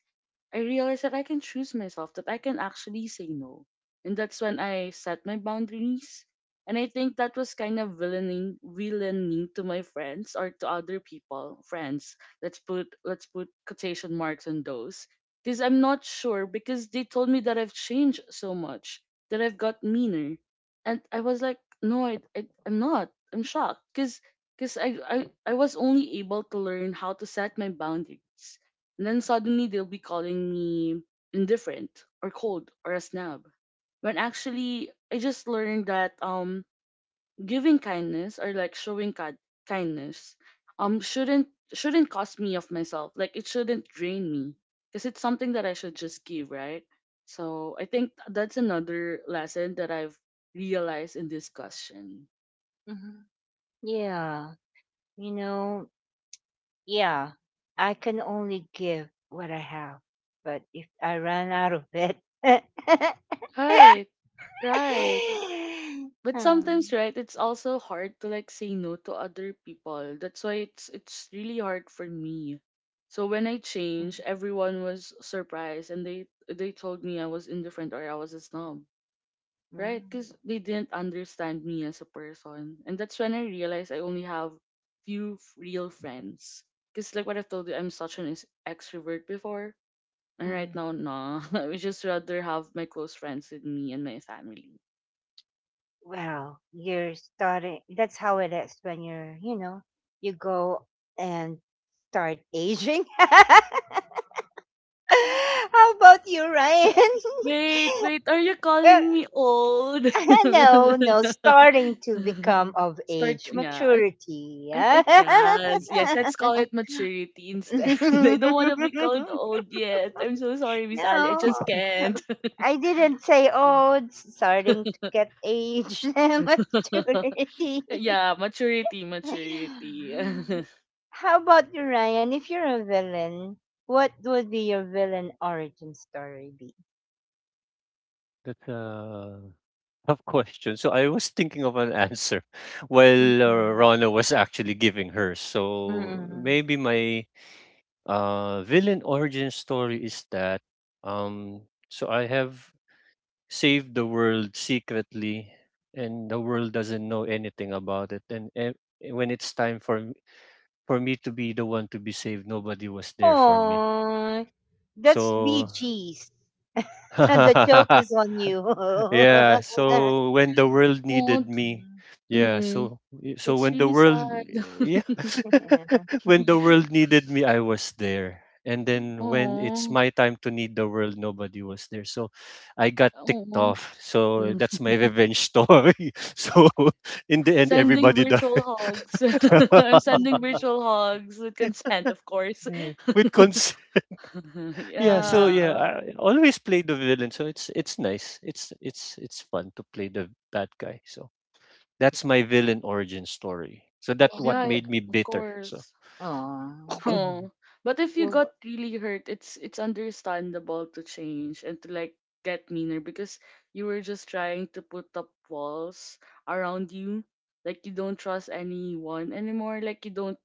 [SPEAKER 2] I realized that I can choose myself, that I can actually say no. And that's when I set my boundaries. And I think that was kind of villaining to my friends, or to other people, friends. Let's put quotation marks on those. Because I'm not sure, because they told me that I've changed so much, that I've got meaner. And I was like, "No, I'm not." I'm shocked. Because I was only able to learn how to set my boundaries, and then suddenly they'll be calling me indifferent or cold or a snob. When actually, I just learned that giving kindness, or like showing kindness, shouldn't cost me of myself. Like it shouldn't drain me, because it's something that I should just give, right? So I think that's another lesson that I've realized in this question.
[SPEAKER 1] Mhm. Yeah. You know, yeah, I can only give what I have. But if I run out of it,
[SPEAKER 2] Right, right. But sometimes,
[SPEAKER 1] Um,
[SPEAKER 2] right, it's also hard to like say no to other people, that's why it's really hard for me. So when I changed,
[SPEAKER 1] mm,
[SPEAKER 2] everyone was surprised and they told me I was indifferent or I was a snob, right, because they didn't understand me as a person, and that's when I realized I only have few real friends, because like what I've told you, I'm such an extrovert before, and right
[SPEAKER 1] mm.
[SPEAKER 2] now, nah, I would just rather have my close friends with me and my family.
[SPEAKER 1] Well, you're starting. That's how it is when you're, you know, you go and start aging. How about you, Ryan?
[SPEAKER 2] Wait, wait, are you
[SPEAKER 1] Uh,
[SPEAKER 2] calling me old?
[SPEAKER 1] no, no, starting to become of
[SPEAKER 2] Start,
[SPEAKER 1] age,
[SPEAKER 2] yeah,
[SPEAKER 1] maturity.
[SPEAKER 2] yes, yes, let's call it maturity instead. I don't want to be called old yet. I'm so sorry, Miss Ali. I just
[SPEAKER 1] No,
[SPEAKER 2] can't.
[SPEAKER 1] I didn't say, oh, it's starting to get age and maturity.
[SPEAKER 2] Yeah, maturity, maturity.
[SPEAKER 1] How about you, Ryan? If you're a villain, what would be your villain origin story be?
[SPEAKER 3] that tough question. So I was thinking of an answer while
[SPEAKER 1] Mm-hmm.
[SPEAKER 3] Rana was actually giving hers. So maybe my villain origin story is that um, so I have saved the world secretly, and the world doesn't know anything about it. And when it's time for me to be the one to be saved, nobody was there for me.
[SPEAKER 1] Oh, that's
[SPEAKER 3] So
[SPEAKER 1] BG's. The joke is on you.
[SPEAKER 3] yeah, so when the world
[SPEAKER 2] Oh,
[SPEAKER 3] needed me,
[SPEAKER 1] Mhm.
[SPEAKER 3] yeah,
[SPEAKER 2] mm,
[SPEAKER 3] so so
[SPEAKER 2] that's
[SPEAKER 3] when the
[SPEAKER 2] really
[SPEAKER 3] world
[SPEAKER 2] sad.
[SPEAKER 3] yeah,
[SPEAKER 1] Mhm.
[SPEAKER 3] when the world needed me, I was there. And then when it's
[SPEAKER 2] Oh,
[SPEAKER 3] my time to need the world, nobody was there. So I got ticked
[SPEAKER 2] oh.
[SPEAKER 3] off. So that's my revenge story. So in the end,
[SPEAKER 2] Sending
[SPEAKER 3] everybody died.
[SPEAKER 2] virtual hugs. I'm sending virtual hugs with consent, of course.
[SPEAKER 3] Yeah, yeah. So yeah,
[SPEAKER 2] yeah.
[SPEAKER 1] Mhm.
[SPEAKER 3] I always play the villain. So it's nice. It's fun to play the bad guy. So that's my villain origin story. So that what
[SPEAKER 2] Yeah,
[SPEAKER 3] made me
[SPEAKER 2] of
[SPEAKER 3] bitter. So
[SPEAKER 2] course.
[SPEAKER 1] Oh,
[SPEAKER 2] Huh. But if you
[SPEAKER 1] well,
[SPEAKER 2] got really hurt, it's understandable to change and to, like, get meaner because you were just trying to put up walls around you. Like, you don't trust anyone anymore. Like, you don't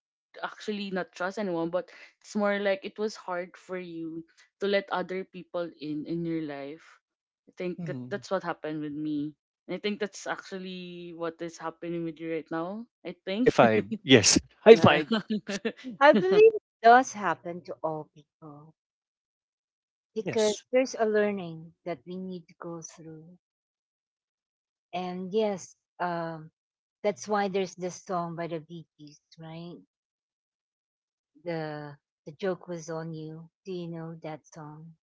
[SPEAKER 2] actually not trust anyone, but it's more like it was hard for you to let other people in your life. I think that
[SPEAKER 3] Hmm.
[SPEAKER 2] that's what happened with me. I think that's actually what is happening with you right now. I
[SPEAKER 3] High
[SPEAKER 2] think.
[SPEAKER 3] five. Yes. High
[SPEAKER 2] yeah.
[SPEAKER 3] five.
[SPEAKER 1] I believe it does happen to all people because
[SPEAKER 3] Yes.
[SPEAKER 1] there's a learning that we need to go through. And yes, um, that's why there's this song by the Bee Gees, right? The the joke was on you. Do you know that song?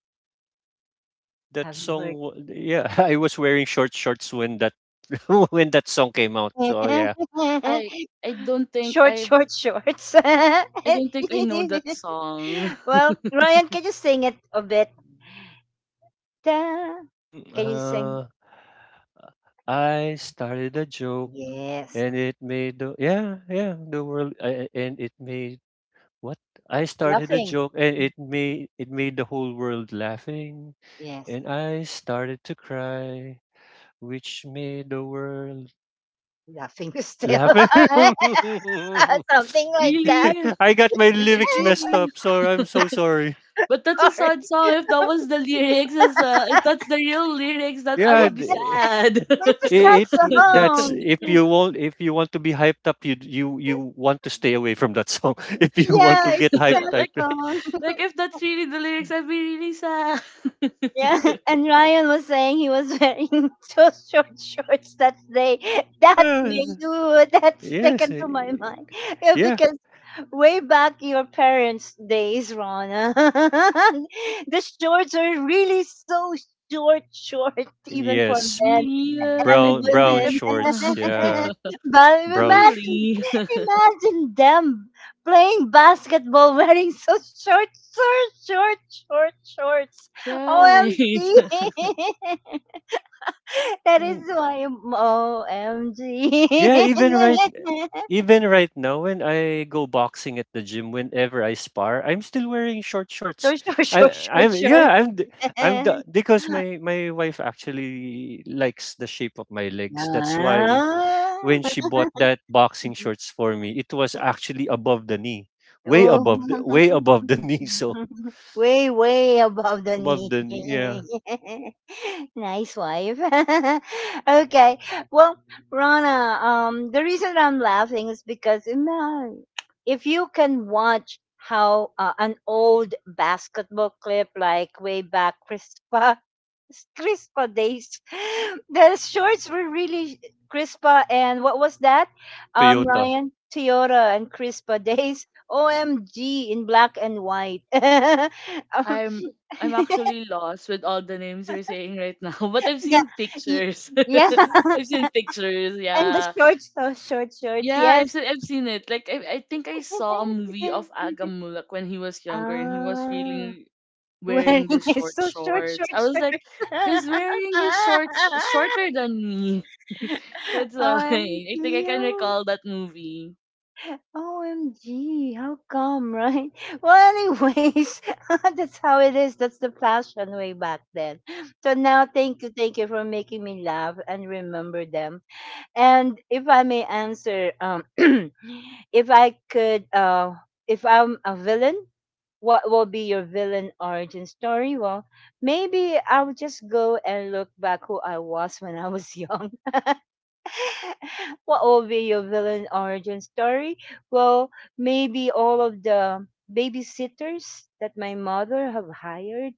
[SPEAKER 1] Have you heard?
[SPEAKER 3] Yeah, I was wearing short shorts when that when that song came out. So yeah.
[SPEAKER 2] I I don't think
[SPEAKER 1] Short,
[SPEAKER 2] I
[SPEAKER 1] short, shorts.
[SPEAKER 2] I don't think I know that song.
[SPEAKER 1] Well, Ryan, can you sing it a bit? Ta-
[SPEAKER 3] Mm,
[SPEAKER 1] Can you sing?
[SPEAKER 3] uh, I started a joke,
[SPEAKER 1] Yes,
[SPEAKER 3] and it made the world. And it made what? I started a
[SPEAKER 1] nothing.
[SPEAKER 3] joke, and it made the whole world laughing,
[SPEAKER 1] Yes,
[SPEAKER 3] and I started to cry, which made the world
[SPEAKER 1] laughing still,
[SPEAKER 3] laugh. I
[SPEAKER 1] something like that.
[SPEAKER 2] really?
[SPEAKER 3] got my lyrics messed
[SPEAKER 2] Really?
[SPEAKER 3] up, so I'm so sorry.
[SPEAKER 2] But
[SPEAKER 1] Or
[SPEAKER 2] that's a sad song. If that was the lyrics, as if that's the real lyrics, that I
[SPEAKER 3] Yeah,
[SPEAKER 2] would be
[SPEAKER 3] th-
[SPEAKER 2] sad.
[SPEAKER 1] it's a sad
[SPEAKER 3] it, that's
[SPEAKER 1] song.
[SPEAKER 3] if you want, if you want to be hyped up, you want to stay away from that song. If you
[SPEAKER 2] like,
[SPEAKER 3] want
[SPEAKER 1] Yeah,
[SPEAKER 3] to get
[SPEAKER 1] it's a
[SPEAKER 3] hyped
[SPEAKER 1] sad
[SPEAKER 3] up,
[SPEAKER 2] like,
[SPEAKER 1] song.
[SPEAKER 2] like if that's really the lyrics, I'd be really sad.
[SPEAKER 1] Yeah, and Ryan was saying he was wearing those short shorts that day. That made
[SPEAKER 3] ah,
[SPEAKER 1] you. That's
[SPEAKER 3] yes,
[SPEAKER 1] sticking to my
[SPEAKER 3] eh,
[SPEAKER 1] mind. Yeah,
[SPEAKER 3] yeah,
[SPEAKER 1] because way back your parents' days, Rana, the shorts are really so short, short even for men. And
[SPEAKER 2] I,
[SPEAKER 3] brown
[SPEAKER 2] I think I'm
[SPEAKER 1] women.
[SPEAKER 3] shorts, yeah,
[SPEAKER 1] But
[SPEAKER 3] brown. Sh-
[SPEAKER 1] imagine,
[SPEAKER 2] really
[SPEAKER 1] imagine them playing basketball wearing so short, short, short, short shorts.
[SPEAKER 2] right.
[SPEAKER 1] OMG! That is why I'm OMG.
[SPEAKER 3] yeah, even right now when I go boxing at the gym whenever I spar, I'm still wearing short shorts.
[SPEAKER 1] Short, short,
[SPEAKER 3] I
[SPEAKER 1] short, short,
[SPEAKER 3] I'm
[SPEAKER 1] short.
[SPEAKER 3] yeah, I'm the, because my wife actually likes the shape of my legs. That's why when
[SPEAKER 1] Ah.
[SPEAKER 3] she bought that boxing shorts for me, it was actually above the knee.
[SPEAKER 1] Oh.
[SPEAKER 3] Way above the knee, so
[SPEAKER 1] Way, way above the
[SPEAKER 3] above
[SPEAKER 1] knee.
[SPEAKER 3] the knee, yeah.
[SPEAKER 1] Nice wife. Okay. Well, Rana, the reason I'm laughing is because imagine if you can watch how an old basketball clip like way back Chris Crispa days. The shorts were really Crispa and what was that?
[SPEAKER 3] Toyota.
[SPEAKER 1] Ryan Toyota and Crispa days. OMG in black and white.
[SPEAKER 2] I'm I'm actually lost with all the names you're saying right now, but I've
[SPEAKER 1] Yeah,
[SPEAKER 2] seen
[SPEAKER 1] y-
[SPEAKER 2] pictures.
[SPEAKER 1] yeah,
[SPEAKER 2] I've seen pictures,
[SPEAKER 1] and the
[SPEAKER 2] yeah.
[SPEAKER 1] shorts, those short shorts,
[SPEAKER 2] Yeah,
[SPEAKER 1] yes.
[SPEAKER 2] I've seen it. Like, I think I saw a movie of Agamulak when he was younger and he was
[SPEAKER 1] ah,
[SPEAKER 2] really
[SPEAKER 1] wearing
[SPEAKER 2] wearing these
[SPEAKER 1] is
[SPEAKER 2] short
[SPEAKER 1] so short,
[SPEAKER 2] shorts.
[SPEAKER 1] short,
[SPEAKER 2] I was
[SPEAKER 1] short.
[SPEAKER 2] like, he's wearing his shorts shorter than me. That's why I think I
[SPEAKER 1] OMG.
[SPEAKER 2] can recall that movie.
[SPEAKER 1] OMG, how come, right? Well, anyways, that's how it is. That's the fashion way back then. So now, thank you for making me laugh and remember them. And if I may answer, if I could, if I'm a villain, what will be your villain origin story? Well, maybe I'll just go and look back who I was when I was young. What will be your villain origin story? Well, maybe all of the babysitters that my mother have hired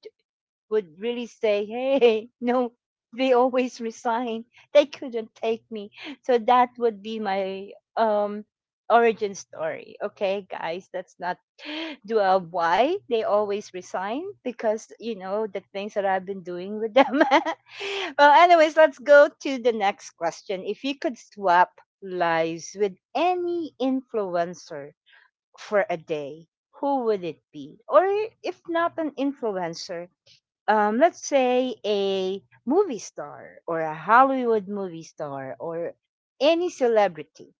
[SPEAKER 1] would really say, hey, no, they always resign. They couldn't take me. So that would be my origin story. Okay, guys, that's not do why they always resign because you know the things that I've been doing with them. Well, anyways, let's go to the next question. If you could swap lives with any influencer for a day, who would it be? Or if not an influencer, let's say a movie star or a Hollywood movie star or any celebrity,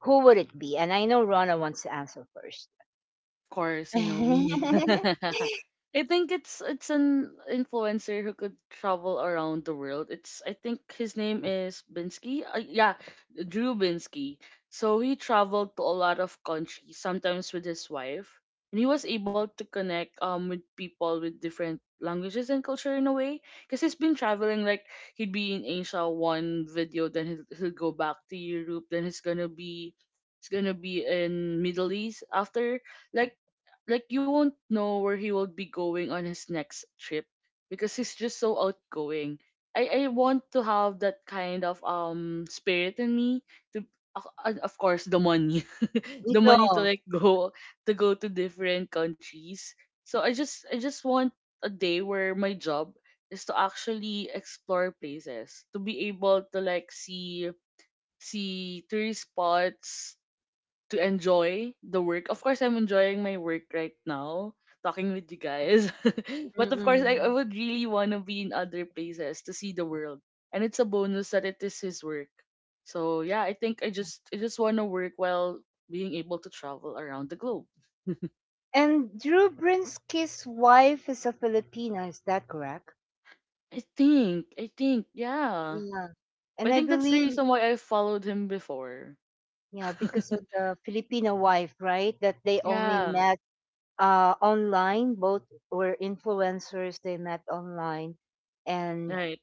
[SPEAKER 1] who would it be? And I know Rona wants to answer first.
[SPEAKER 2] Course, you know me. I think it's an influencer who could travel around the world. It's, I think his name is Binsky. Yeah, Drew Binsky. So he traveled to a lot of countries, sometimes with his wife, and he was able to connect with people with different languages and culture in a way. Because he's been traveling like he'd be in Asia one video, then he'll go back to Europe, then he's gonna be in Middle East after like like you won't know where he will be going on his next trip because he's just so outgoing. I want to have that kind of spirit in me to of and of course the money the money to,
[SPEAKER 1] No.
[SPEAKER 2] like, go to go to different countries. So I just want a day where my job is to actually explore places to be able to, like, see see tourist spots to enjoy the work. Of course, I'm enjoying my work right now, talking with you guys. but of course, I
[SPEAKER 1] Mm-mm.
[SPEAKER 2] would really want to be in other places to see the world. And it's a bonus that it is his work. So yeah, I think I just want to work while being able to travel around the globe.
[SPEAKER 1] And Drew Brinsky's wife is a Filipina, is that correct?
[SPEAKER 2] I think yeah.
[SPEAKER 1] Yeah.
[SPEAKER 2] I
[SPEAKER 1] And I
[SPEAKER 2] think that's the
[SPEAKER 1] believe,
[SPEAKER 2] reason why I followed him before.
[SPEAKER 1] yeah, because of the Filipino wife, right? That they only
[SPEAKER 2] yeah.
[SPEAKER 1] met online. Both were influencers. They met online. And
[SPEAKER 2] Right.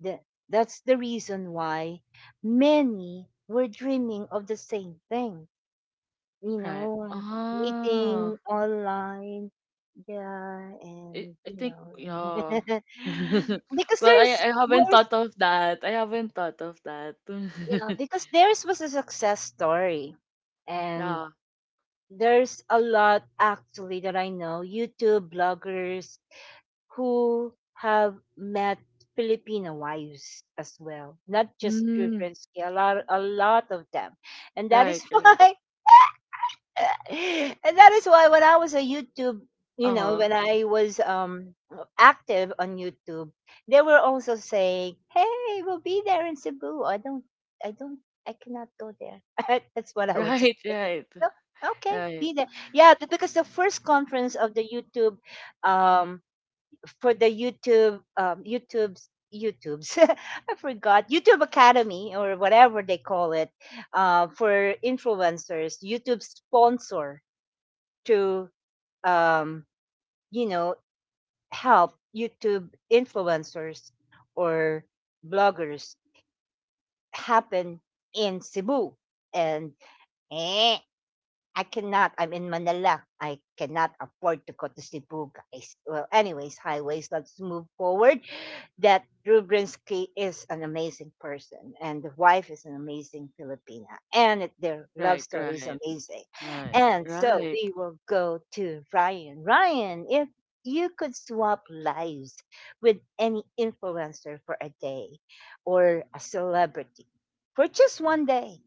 [SPEAKER 1] The, that's the reason why many were dreaming of the same thing. You
[SPEAKER 2] Right.
[SPEAKER 1] know,
[SPEAKER 2] Ah.
[SPEAKER 1] meeting online, yeah, and
[SPEAKER 2] I
[SPEAKER 1] you
[SPEAKER 2] think
[SPEAKER 1] know,
[SPEAKER 2] yeah.
[SPEAKER 1] because
[SPEAKER 2] well,
[SPEAKER 1] there's
[SPEAKER 2] I haven't
[SPEAKER 1] worse,
[SPEAKER 2] thought of that. I haven't thought of that.
[SPEAKER 1] yeah, because theirs was a success story, and
[SPEAKER 2] yeah.
[SPEAKER 1] there's a lot actually that I know, YouTube bloggers who have met Filipino wives as well, not just
[SPEAKER 2] Mm,
[SPEAKER 1] Trubinsky, a lot of them, and that is
[SPEAKER 2] right, right.
[SPEAKER 1] why, and that is why when I was a YouTube, you know,
[SPEAKER 2] Uh-huh.
[SPEAKER 1] when I was active on YouTube, they were also saying, "Hey, we'll be there in Cebu." I don't, I cannot go there. That's what I was just.
[SPEAKER 2] Right,
[SPEAKER 1] Saying.
[SPEAKER 2] right.
[SPEAKER 1] No, okay,
[SPEAKER 2] Right,
[SPEAKER 1] be there. Yeah, because the first conference of the YouTube um for the YouTube YouTube's I forgot YouTube Academy or whatever they call it for influencers. YouTube sponsor to um, you know help YouTube influencers or bloggers happen in Cebu and I cannot. I'm in Manila. I cannot afford to go to Cebu, guys. Well, anyways, highways. Let's move forward. That Rubrinsky is an amazing person, and the wife is an amazing Filipina, and it, their love
[SPEAKER 2] right,
[SPEAKER 1] story is
[SPEAKER 2] right.
[SPEAKER 1] amazing.
[SPEAKER 2] Right,
[SPEAKER 1] And so
[SPEAKER 2] right.
[SPEAKER 1] we will go to Ryan. Ryan, if you could swap lives with any influencer for a day or a celebrity for just one day,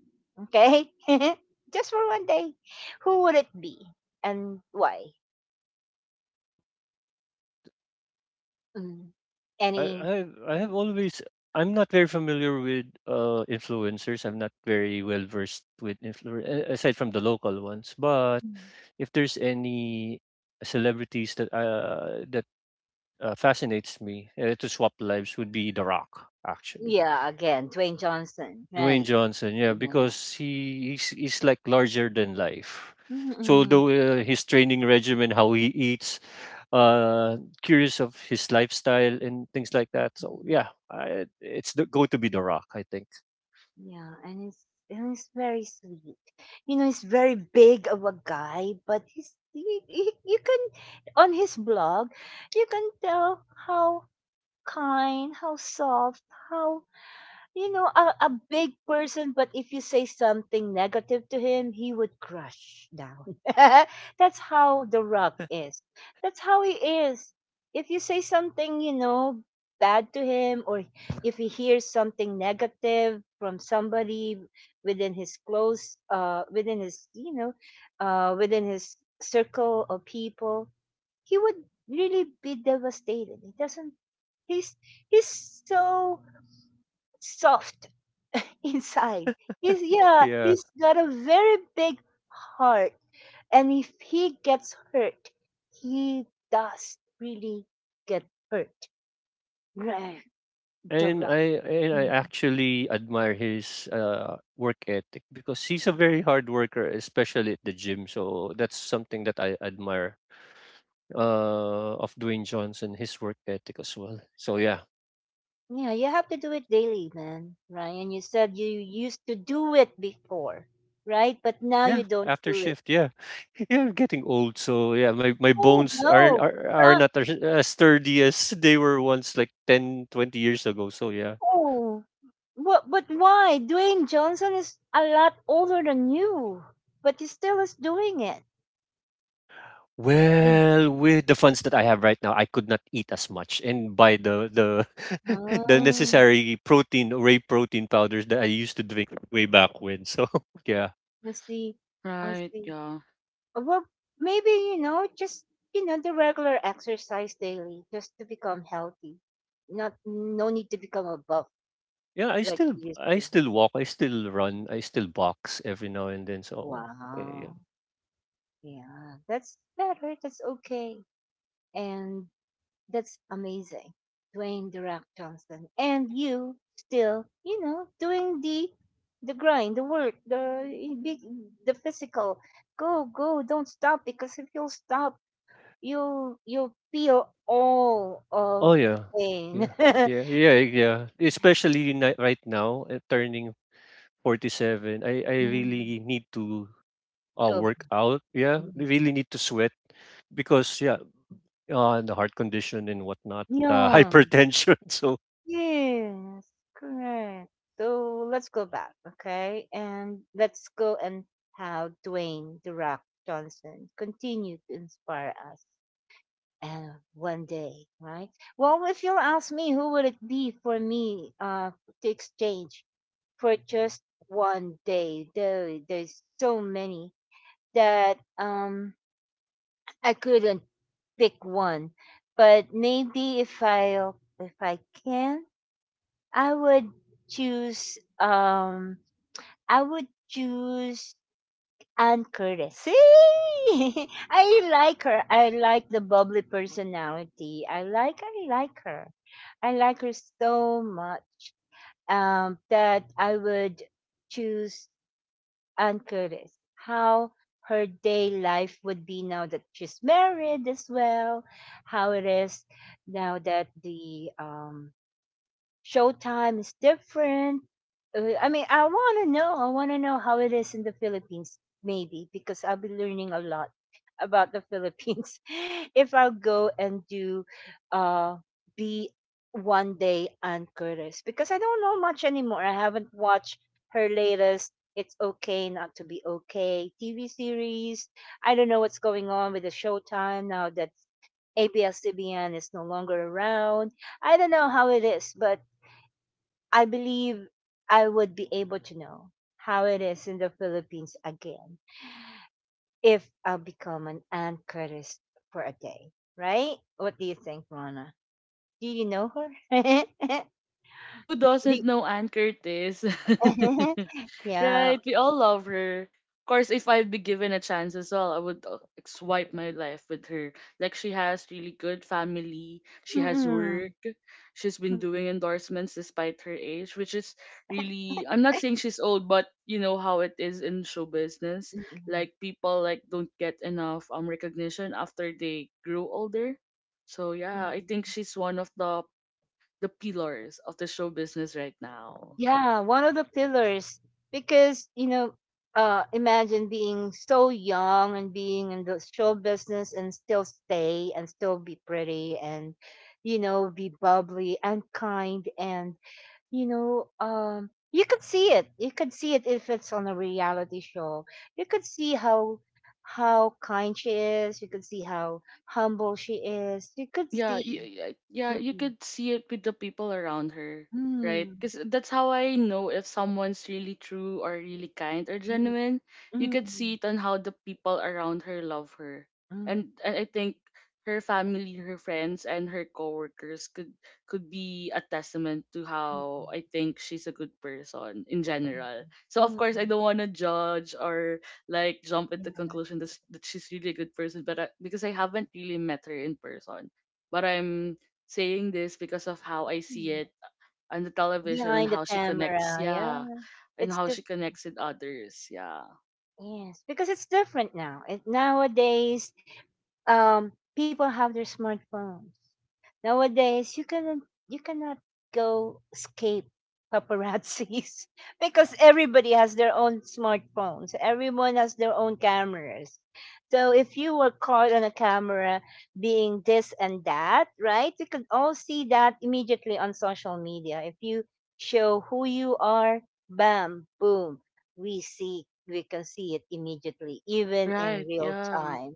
[SPEAKER 1] okay? Just for one day. Who would it be and why? Mm.
[SPEAKER 3] I
[SPEAKER 1] Any.
[SPEAKER 3] i I have always I'm not very familiar with influencers. I'm not very well versed with influencers aside from the local ones. But
[SPEAKER 1] Mm.
[SPEAKER 3] if there's any celebrities that fascinates me to swap lives would be The Rock actually.
[SPEAKER 1] Yeah, again, Dwayne Johnson,
[SPEAKER 3] Dwayne
[SPEAKER 1] right.
[SPEAKER 3] Johnson, yeah,
[SPEAKER 1] Yeah.
[SPEAKER 3] because he's like larger than life. So
[SPEAKER 1] Mm-mm.
[SPEAKER 3] though his training regimen, how he eats, curious of his lifestyle and things like that. So yeah, going to be The Rock, I think.
[SPEAKER 1] Yeah, and it's and he's very sweet. You know, he's very big of a guy, but he's you can on his blog, you can tell how kind, how soft, how you know, a big person, but if you say something negative to him, he would crush down. That's how The Rock is. That's how he is. If you say something, you know, bad to him, or if he hears something negative from somebody within his close, within his, you know, within his circle of people, he would really be devastated. He doesn't, he's, he's so soft inside. He's yeah,
[SPEAKER 3] Yeah,
[SPEAKER 1] he's got a very big heart. And if he gets hurt, he does really get hurt. Right. The right.
[SPEAKER 3] and I actually admire his work ethic because he's a very hard worker, especially at the gym. So that's something that I admire of Dwayne Johnson, his work ethic as well. So yeah.
[SPEAKER 1] Yeah, you have to do it daily, man. Ryan, you said you used to do it before, right? But now you
[SPEAKER 3] Yeah,
[SPEAKER 1] don't
[SPEAKER 3] after
[SPEAKER 1] do it.
[SPEAKER 3] shift, yeah. Yeah, I'm getting old, so yeah, my
[SPEAKER 1] Oh
[SPEAKER 3] bones
[SPEAKER 1] no.
[SPEAKER 3] are
[SPEAKER 1] Ra-
[SPEAKER 3] not as as sturdy as they were once like 10, 20 years ago. So yeah.
[SPEAKER 1] Oh. What but why? Dwayne Johnson is a lot older than you, but he still is doing it.
[SPEAKER 3] Well, with the funds that I have right now, I could not eat as much and buy the the
[SPEAKER 1] Mm.
[SPEAKER 3] necessary protein, whey protein powders that I used to drink way back when. So yeah.
[SPEAKER 1] I see. I
[SPEAKER 2] Right,
[SPEAKER 1] see.
[SPEAKER 2] yeah.
[SPEAKER 1] Well, maybe, you know, just, you know, the regular exercise daily just to become healthy. Not, no need to become a buff
[SPEAKER 3] Yeah,
[SPEAKER 1] like you used
[SPEAKER 3] I
[SPEAKER 1] to.
[SPEAKER 3] still walk, I still run, I still box every now and then. So yeah, yeah.
[SPEAKER 1] Wow. Yeah. That's better. That's okay. And that's amazing. Dwayne The Rock Johnson. And you still, you know, doing the grind, the work, the, big, the physical. Go, go. Don't stop because if you'll stop, you feel all
[SPEAKER 3] Oh,
[SPEAKER 1] of the
[SPEAKER 3] yeah. Yeah.
[SPEAKER 1] pain.
[SPEAKER 3] Yeah. Especially right now, turning 47, I
[SPEAKER 1] Mm,
[SPEAKER 3] really need to
[SPEAKER 1] go-
[SPEAKER 3] work out. Yeah, really need to sweat because, yeah, the heart condition and whatnot, the
[SPEAKER 1] Yeah.
[SPEAKER 3] hypertension. So,
[SPEAKER 1] Yes, correct. So let's go back, okay? And let's go and how Dwayne The Rock Johnson continued to inspire us. And one day, right? Well, if you'll ask me, who would it be for me to exchange for just one day? There's so many that I couldn't pick one, but maybe if I can, I would choose um I would choose Anne Curtis. See, I like her. I like the bubbly personality. I like her. I like her so much that I would choose and Curtis, how her day life would be now that she's married as well, how it is now that the showtime is different. I mean, I want to know. I want to know how it is in the Philippines, maybe, because I'll be learning a lot about the Philippines if I'll go and do uh, be one day Ann Curtis, because I don't know much anymore. I haven't watched her latest. It's okay not to be okay. TV series. I don't know what's going on with the Showtime now that ABS-CBN is no longer around. I don't know how it is, but I believe I would be able to know how it is in the Philippines again if I'll become an anchorist for a day, right? What do you think, Rana? Do you know her?
[SPEAKER 2] Who
[SPEAKER 1] Do-
[SPEAKER 2] doesn't know Ann Curtis?
[SPEAKER 1] yeah.
[SPEAKER 2] right? We all love her. Of course, if I'd be given a chance as well, I would, like, swipe my life with her. Like, she has really good family. She has
[SPEAKER 1] Mm-mm.
[SPEAKER 2] work. She's been doing endorsements despite her age, which is really, I'm not saying she's old, but you know how it is in show business.
[SPEAKER 1] Mm-mm.
[SPEAKER 2] Like, people like don't get enough recognition after they grow older. So yeah, I think
[SPEAKER 1] Mm-mm.
[SPEAKER 2] she's one of the pillars of the show business right now.
[SPEAKER 1] Yeah, one of the pillars because you know, imagine being so young and being in the show business and still stay and still be pretty and you know be bubbly and kind and you know you could see it if it's on a reality show you could see how kind she is you could see how humble she is you could
[SPEAKER 2] Yeah,
[SPEAKER 1] see.
[SPEAKER 2] yeah, yeah, you
[SPEAKER 1] Mm-mm.
[SPEAKER 2] could see it with the people around her. Right,
[SPEAKER 1] Mm.
[SPEAKER 2] because that's how I know if someone's really true or really kind or genuine. You could
[SPEAKER 1] Mm-mm.
[SPEAKER 2] see it on how the people around her love her.
[SPEAKER 1] Mm-mm.
[SPEAKER 2] And I think her family, her friends and her coworkers could be a testament to how I
[SPEAKER 1] Mm.
[SPEAKER 2] think she's a good person in general. So
[SPEAKER 1] Mm,
[SPEAKER 2] of
[SPEAKER 1] mm,
[SPEAKER 2] course I don't want to judge or, like, jump at the
[SPEAKER 1] yeah,
[SPEAKER 2] conclusion that, that she's really a good person, but because I haven't really met her in person, but I'm saying this because of how I see
[SPEAKER 1] yeah.
[SPEAKER 2] it on the television and
[SPEAKER 1] Behind the
[SPEAKER 2] how she connects,
[SPEAKER 1] camera, yeah.
[SPEAKER 2] yeah, and
[SPEAKER 1] It's
[SPEAKER 2] how
[SPEAKER 1] the
[SPEAKER 2] she connects with others, yeah.
[SPEAKER 1] yes, because it's different now. It nowadays people have their smartphones nowadays. You cannot go escape paparazzis because everybody has their own smartphones. Everyone has their own cameras. So if you were caught on a camera being this and that, right? You could all see that immediately on social media. If you show who you are, bam, boom, we can see it immediately, even in
[SPEAKER 2] Right,
[SPEAKER 1] real
[SPEAKER 2] yeah,
[SPEAKER 1] time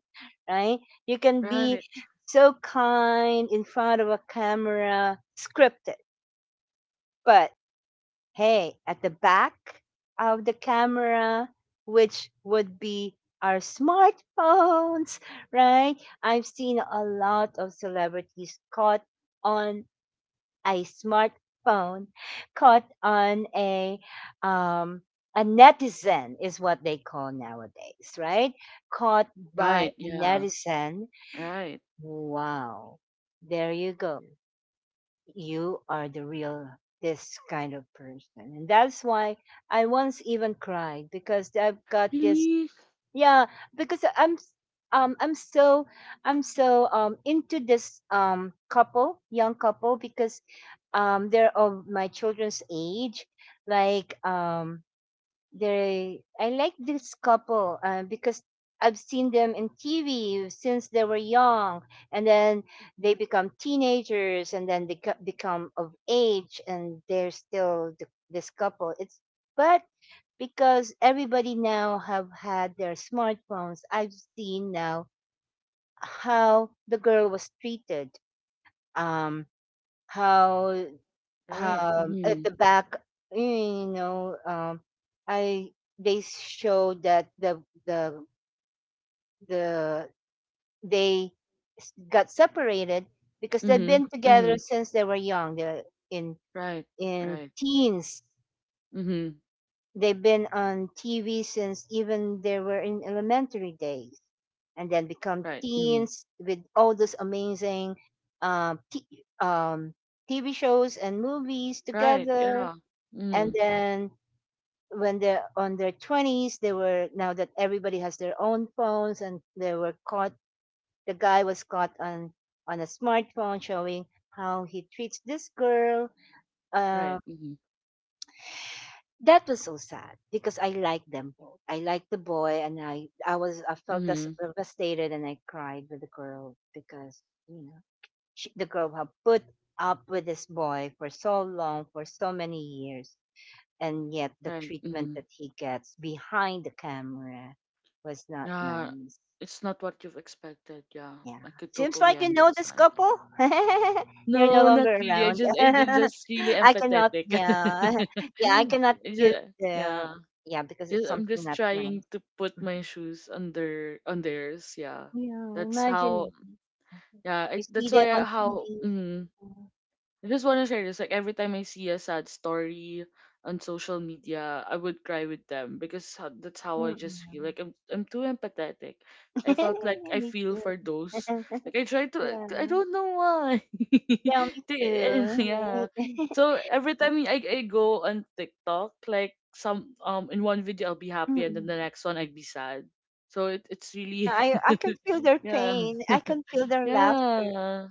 [SPEAKER 1] right? You can be
[SPEAKER 2] right,
[SPEAKER 1] so kind in front of a camera, scripted. But hey, at the back of the camera, which would be our smartphones, right? I've seen a lot of celebrities caught on a smartphone, caught on um a netizen is what they call nowadays, right? Caught by
[SPEAKER 2] right,
[SPEAKER 1] a
[SPEAKER 2] yeah,
[SPEAKER 1] netizen.
[SPEAKER 2] right.
[SPEAKER 1] Wow. There you go. You are the real this kind of person. And that's why I once even cried because I've got this
[SPEAKER 2] Really?
[SPEAKER 1] yeah, because um I'm so I'm so into this couple, young couple because they're of my children's age. Like they I like this couple because I've seen them in TV since they were young, and then they become teenagers, and then they become of age, and they're still this couple. It's but because everybody now have had their smartphones, I've seen now how the girl was treated, um, how
[SPEAKER 2] Right.
[SPEAKER 1] at
[SPEAKER 2] Mhm.
[SPEAKER 1] the back you know I they showed that the the they got separated because they've
[SPEAKER 2] Mhm.
[SPEAKER 1] been together
[SPEAKER 2] Mhm.
[SPEAKER 1] since they were young they're in
[SPEAKER 2] Right.
[SPEAKER 1] in
[SPEAKER 2] Right.
[SPEAKER 1] teens
[SPEAKER 2] Mhm.
[SPEAKER 1] they've been on tv since even they were in elementary days and then become
[SPEAKER 2] Right. Mhm.
[SPEAKER 1] teens with all those amazing um, t- um, tv shows and movies
[SPEAKER 2] Right.
[SPEAKER 1] together
[SPEAKER 2] Yeah.
[SPEAKER 1] and
[SPEAKER 2] Mhm.
[SPEAKER 1] then when they're on their 20s they were now that everybody has their own phones and they were caught the guy was caught on a smartphone showing how he treats this girl um
[SPEAKER 2] Right. Mhm.
[SPEAKER 1] that was so sad because I liked them both I liked the boy and I was I felt as
[SPEAKER 2] Mhm.
[SPEAKER 1] devastated and I cried with the girl because you know the girl had put up with this boy for so long for so many years and yet the
[SPEAKER 2] Right.
[SPEAKER 1] treatment
[SPEAKER 2] Mhm.
[SPEAKER 1] that he gets behind the camera was not
[SPEAKER 2] Yeah.
[SPEAKER 1] nice.
[SPEAKER 2] It's not what you've expected. Yeah,
[SPEAKER 1] Yeah.
[SPEAKER 2] I could
[SPEAKER 1] Seems
[SPEAKER 2] totally
[SPEAKER 1] like you know this
[SPEAKER 2] understand.
[SPEAKER 1] couple. They're no
[SPEAKER 2] No, not
[SPEAKER 1] longer
[SPEAKER 2] really.
[SPEAKER 1] around.
[SPEAKER 2] I'm just really
[SPEAKER 1] I cannot,
[SPEAKER 2] empathetic.
[SPEAKER 1] yeah. Yeah, I cannot
[SPEAKER 2] Just,
[SPEAKER 1] give the,
[SPEAKER 2] yeah.
[SPEAKER 1] yeah, because
[SPEAKER 2] Just
[SPEAKER 1] it's
[SPEAKER 2] I'm
[SPEAKER 1] something
[SPEAKER 2] just
[SPEAKER 1] not
[SPEAKER 2] trying
[SPEAKER 1] nice.
[SPEAKER 2] to put my shoes under on theirs. Yeah.
[SPEAKER 1] Yeah,
[SPEAKER 2] That's how
[SPEAKER 1] imagine you
[SPEAKER 2] yeah, I,
[SPEAKER 1] see
[SPEAKER 2] that's
[SPEAKER 1] them
[SPEAKER 2] why
[SPEAKER 1] on
[SPEAKER 2] I, how
[SPEAKER 1] TV.
[SPEAKER 2] mm, I just want to share this. Like every time I see a sad story on social media, I would cry with them because that's how I just feel.
[SPEAKER 1] Mm-mm.
[SPEAKER 2] Like I'm too empathetic. I felt like I
[SPEAKER 1] Me
[SPEAKER 2] feel
[SPEAKER 1] too.
[SPEAKER 2] for those. Like I try to. Like,
[SPEAKER 1] Yeah,
[SPEAKER 2] I don't know why.
[SPEAKER 1] yeah, me too.
[SPEAKER 2] Yeah.
[SPEAKER 1] Right?
[SPEAKER 2] So every time I go on TikTok, like some in one video I'll be happy and then
[SPEAKER 1] Mm-mm.
[SPEAKER 2] the next one I'd be sad. So it's
[SPEAKER 1] Yeah,
[SPEAKER 2] really
[SPEAKER 1] I can feel their
[SPEAKER 2] yeah,
[SPEAKER 1] pain. I can feel their laughter.
[SPEAKER 2] yeah,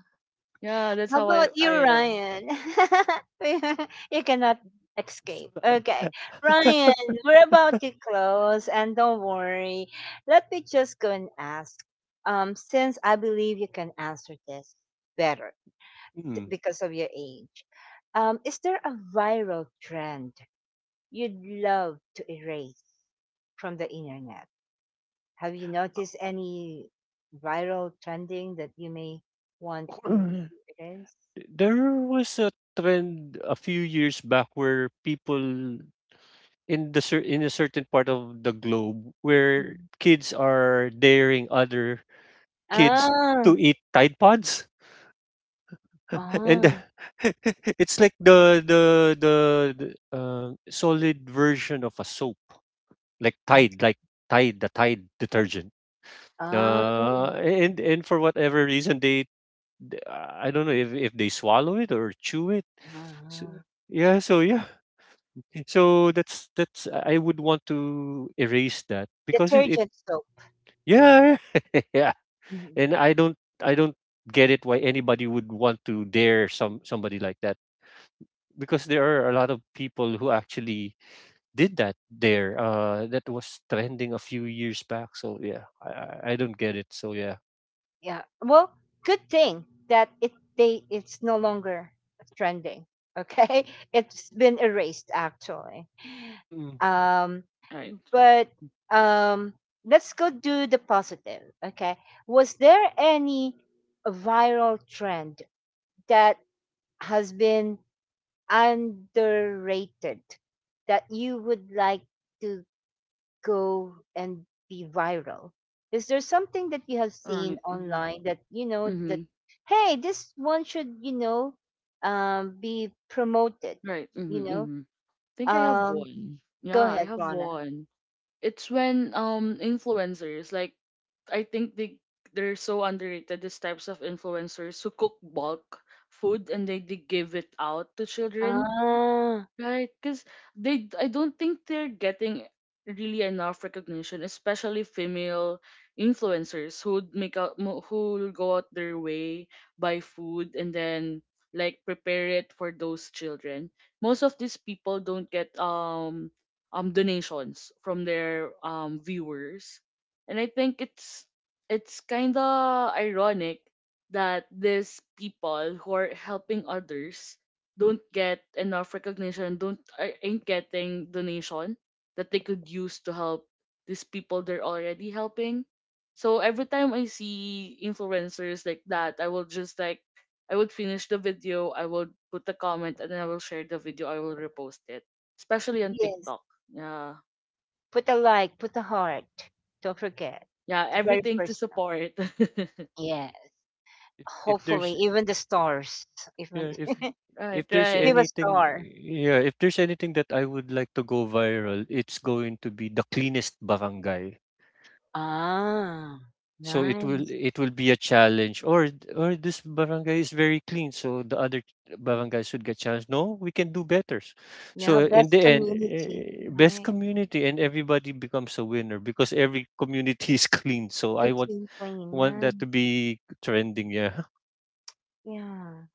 [SPEAKER 2] yeah, that's
[SPEAKER 1] How
[SPEAKER 2] how
[SPEAKER 1] about
[SPEAKER 2] I
[SPEAKER 1] you,
[SPEAKER 2] am.
[SPEAKER 1] Ryan? You cannot escape.
[SPEAKER 3] uh,
[SPEAKER 1] Okay. Ryan, we're about to close, and don't worry. Let me just go and ask. Since I believe you can answer this better
[SPEAKER 3] hmm.
[SPEAKER 1] because of your age. Is there a viral trend you'd love to erase from the internet? Have you noticed any viral trending that you may want to use?
[SPEAKER 3] There was a trend a few years back where people in a certain part of the globe where
[SPEAKER 1] Mhm.
[SPEAKER 3] kids are daring other kids to
[SPEAKER 1] Ah,
[SPEAKER 3] eat Tide Pods. And
[SPEAKER 1] ah,
[SPEAKER 3] it's like the, the solid version of a soap, like Tide, the Tide detergent.
[SPEAKER 1] ah, ah.
[SPEAKER 3] And for whatever reason, they I don't know if they swallow it or chew it. So,
[SPEAKER 1] Uh-huh.
[SPEAKER 3] yeah, so that's I would want to erase that because it
[SPEAKER 1] Detergent soap. Yeah.
[SPEAKER 3] yeah yeah,
[SPEAKER 1] Mhm.
[SPEAKER 3] and I don't get it why anybody would want to dare somebody like that because there are a lot of people who actually did that there. That was trending a few years back. So yeah, I don't get it. So yeah,
[SPEAKER 1] Yeah. Well, good thing that it they it's no longer trending. Okay, it's been erased actually.
[SPEAKER 3] mm-mm.
[SPEAKER 1] Um,
[SPEAKER 2] Right.
[SPEAKER 1] but um, let's go do the positive. Okay. Was there any viral trend that has been underrated that you would like to go and be viral? Is there something that you have seen
[SPEAKER 2] Right. Mhm.
[SPEAKER 1] online that you know that
[SPEAKER 2] Mhm.
[SPEAKER 1] hey, this one should, be promoted?
[SPEAKER 2] Right.
[SPEAKER 1] You
[SPEAKER 2] Mhm.
[SPEAKER 1] know,
[SPEAKER 2] Mhm. Think I have
[SPEAKER 1] um,
[SPEAKER 2] one.
[SPEAKER 1] Go
[SPEAKER 2] Yeah, I
[SPEAKER 1] ahead,
[SPEAKER 2] have
[SPEAKER 1] Rana.
[SPEAKER 2] one. It's when influencers like I think they they're so underrated. These types of influencers who cook bulk food and they give it out to children.
[SPEAKER 1] Ah.
[SPEAKER 2] Right, because I don't think they're getting really enough recognition, especially female influencers who who go out their way buy food and then, like, prepare it for those children. Most of these people don't get donations from their viewers, and I think it's kind of ironic that these people who are helping others don't get enough recognition, don't are- ain't getting donation that they could use to help these people they're already helping. So every time I see influencers like that, I will just like I would finish the video, I would put a comment, and then I will share the video, I will repost it, especially on
[SPEAKER 1] Yes,
[SPEAKER 2] TikTok. Yeah,
[SPEAKER 1] put a like, put a heart. Don't forget.
[SPEAKER 2] yeah,
[SPEAKER 1] The very
[SPEAKER 2] everything to
[SPEAKER 1] first one.
[SPEAKER 2] support.
[SPEAKER 1] Yes.
[SPEAKER 3] if if
[SPEAKER 1] Hopefully,
[SPEAKER 3] there's
[SPEAKER 1] even the stars. Even
[SPEAKER 3] yeah if
[SPEAKER 2] right,
[SPEAKER 3] if there's
[SPEAKER 2] right.
[SPEAKER 1] give a
[SPEAKER 3] anything,
[SPEAKER 1] star.
[SPEAKER 3] yeah if there's anything that I would like to go viral, it's going to be the cleanest barangay.
[SPEAKER 1] Ah,
[SPEAKER 3] So
[SPEAKER 1] nice.
[SPEAKER 3] it will be a challenge, or this barangay is very clean, so the other barangays would get challenged. No, we can do better.
[SPEAKER 1] Yeah,
[SPEAKER 3] So in
[SPEAKER 1] best
[SPEAKER 3] the end,
[SPEAKER 1] community.
[SPEAKER 3] best
[SPEAKER 1] Right.
[SPEAKER 3] community, and everybody becomes a winner because every community is clean. So I
[SPEAKER 1] Between Plain.
[SPEAKER 3] want
[SPEAKER 1] Nice.
[SPEAKER 3] that to be trending. Yeah,
[SPEAKER 1] Yeah.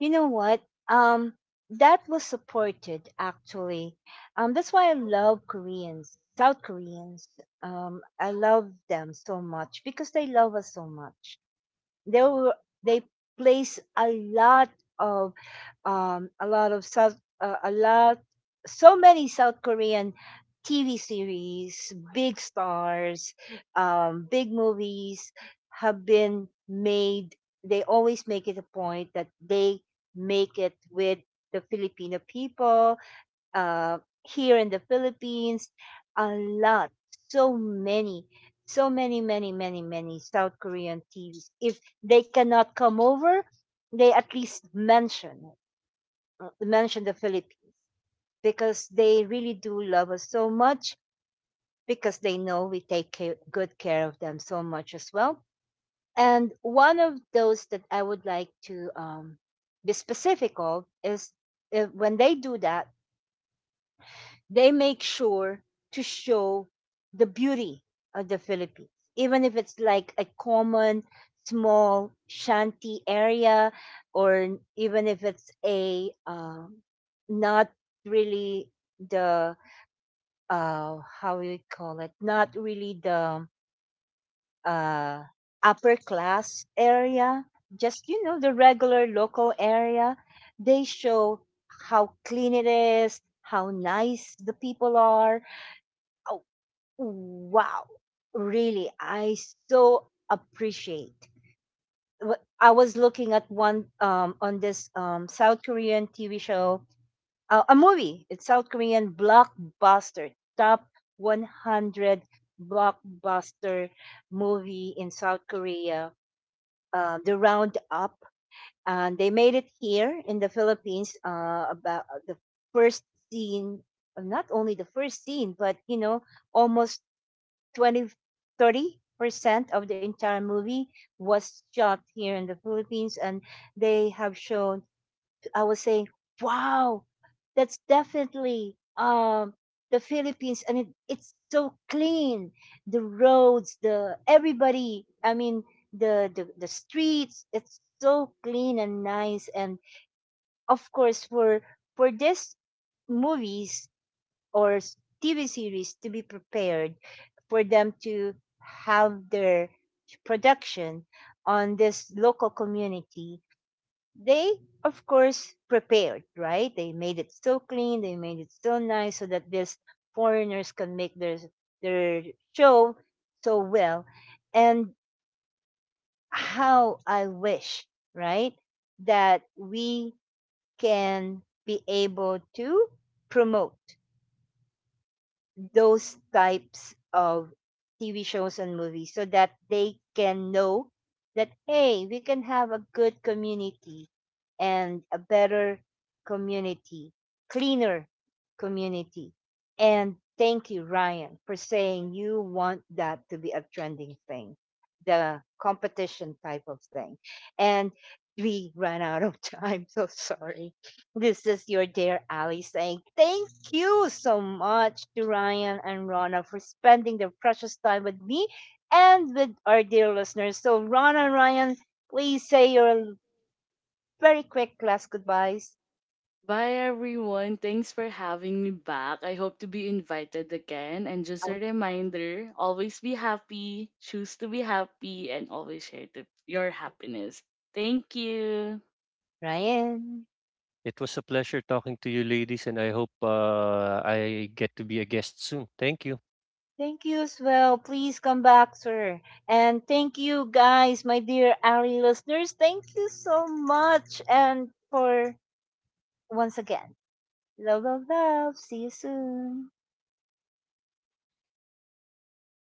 [SPEAKER 1] You know what? Um, that was supported actually. That's why I love Koreans, South Koreans. I love them so much because they love us so much. They were, they place a lot of, a lot of South, a lot, so many South Korean TV series, big stars, big movies have been made. They always make it a point that they make it with the Filipino people uh, here in the Philippines. A lot, so many, so many, many, many, many South Korean TVs. If they cannot come over, they at least mention, mention the Philippines, because they really do love us so much, because they know we take care, good care of them so much as well. And one of those that I would like to, be specific of is, when they do that, they make sure to show the beauty of the Philippines, even if it's like a common small shanty area, or even if it's a, not really the, how do you call it, not really the, uh, upper class area, just, you know, the regular local area. They show how clean it is, how nice the people are. uh, Wow, really? I so appreciate. I was looking at one on this South Korean TV show, a movie. It's South Korean blockbuster, top 100 blockbuster movie in South Korea. The Roundup, and they made it here in the Philippines. About The first scene, not only the first scene, but you know, almost 20, 30% of the entire movie was shot here in the Philippines. And they have shown, I was saying wow, that's definitely the Philippines, and it's so clean, the roads, the everybody, I mean, the streets, it's so clean and nice. And of course, for this movies or TV series to be prepared, for them to have their production on this local community. They, of course, prepared, right? They made it so clean, they made it so nice so that these foreigners can make their show so well. And how I wish, right, that we can be able to promote those types of TV shows and movies so that they can know that hey, we can have a good community and a better community, cleaner community. And thank you, Ryan, for saying you want that to be a trending thing, the competition type of thing. And we ran out of time, so sorry. This is your dear Ali, saying thank you so much to Ryan and Rana for spending their precious time with me and with our dear listeners. So, Rana, Ryan, please say your very quick last goodbyes.
[SPEAKER 2] Bye, everyone. Thanks for having me back. I hope to be invited again. And just
[SPEAKER 1] Out.
[SPEAKER 2] a reminder, always be happy, choose to be happy, and always share your happiness. Thank you.
[SPEAKER 1] Ryan,
[SPEAKER 3] it was a pleasure talking to you ladies, and I hope I get to be a guest soon. Thank you.
[SPEAKER 1] thank you as well. Please come back, sir. And thank you, guys, my dear Ali listeners. Thank you so much. And for once again, love, love, love. See you soon.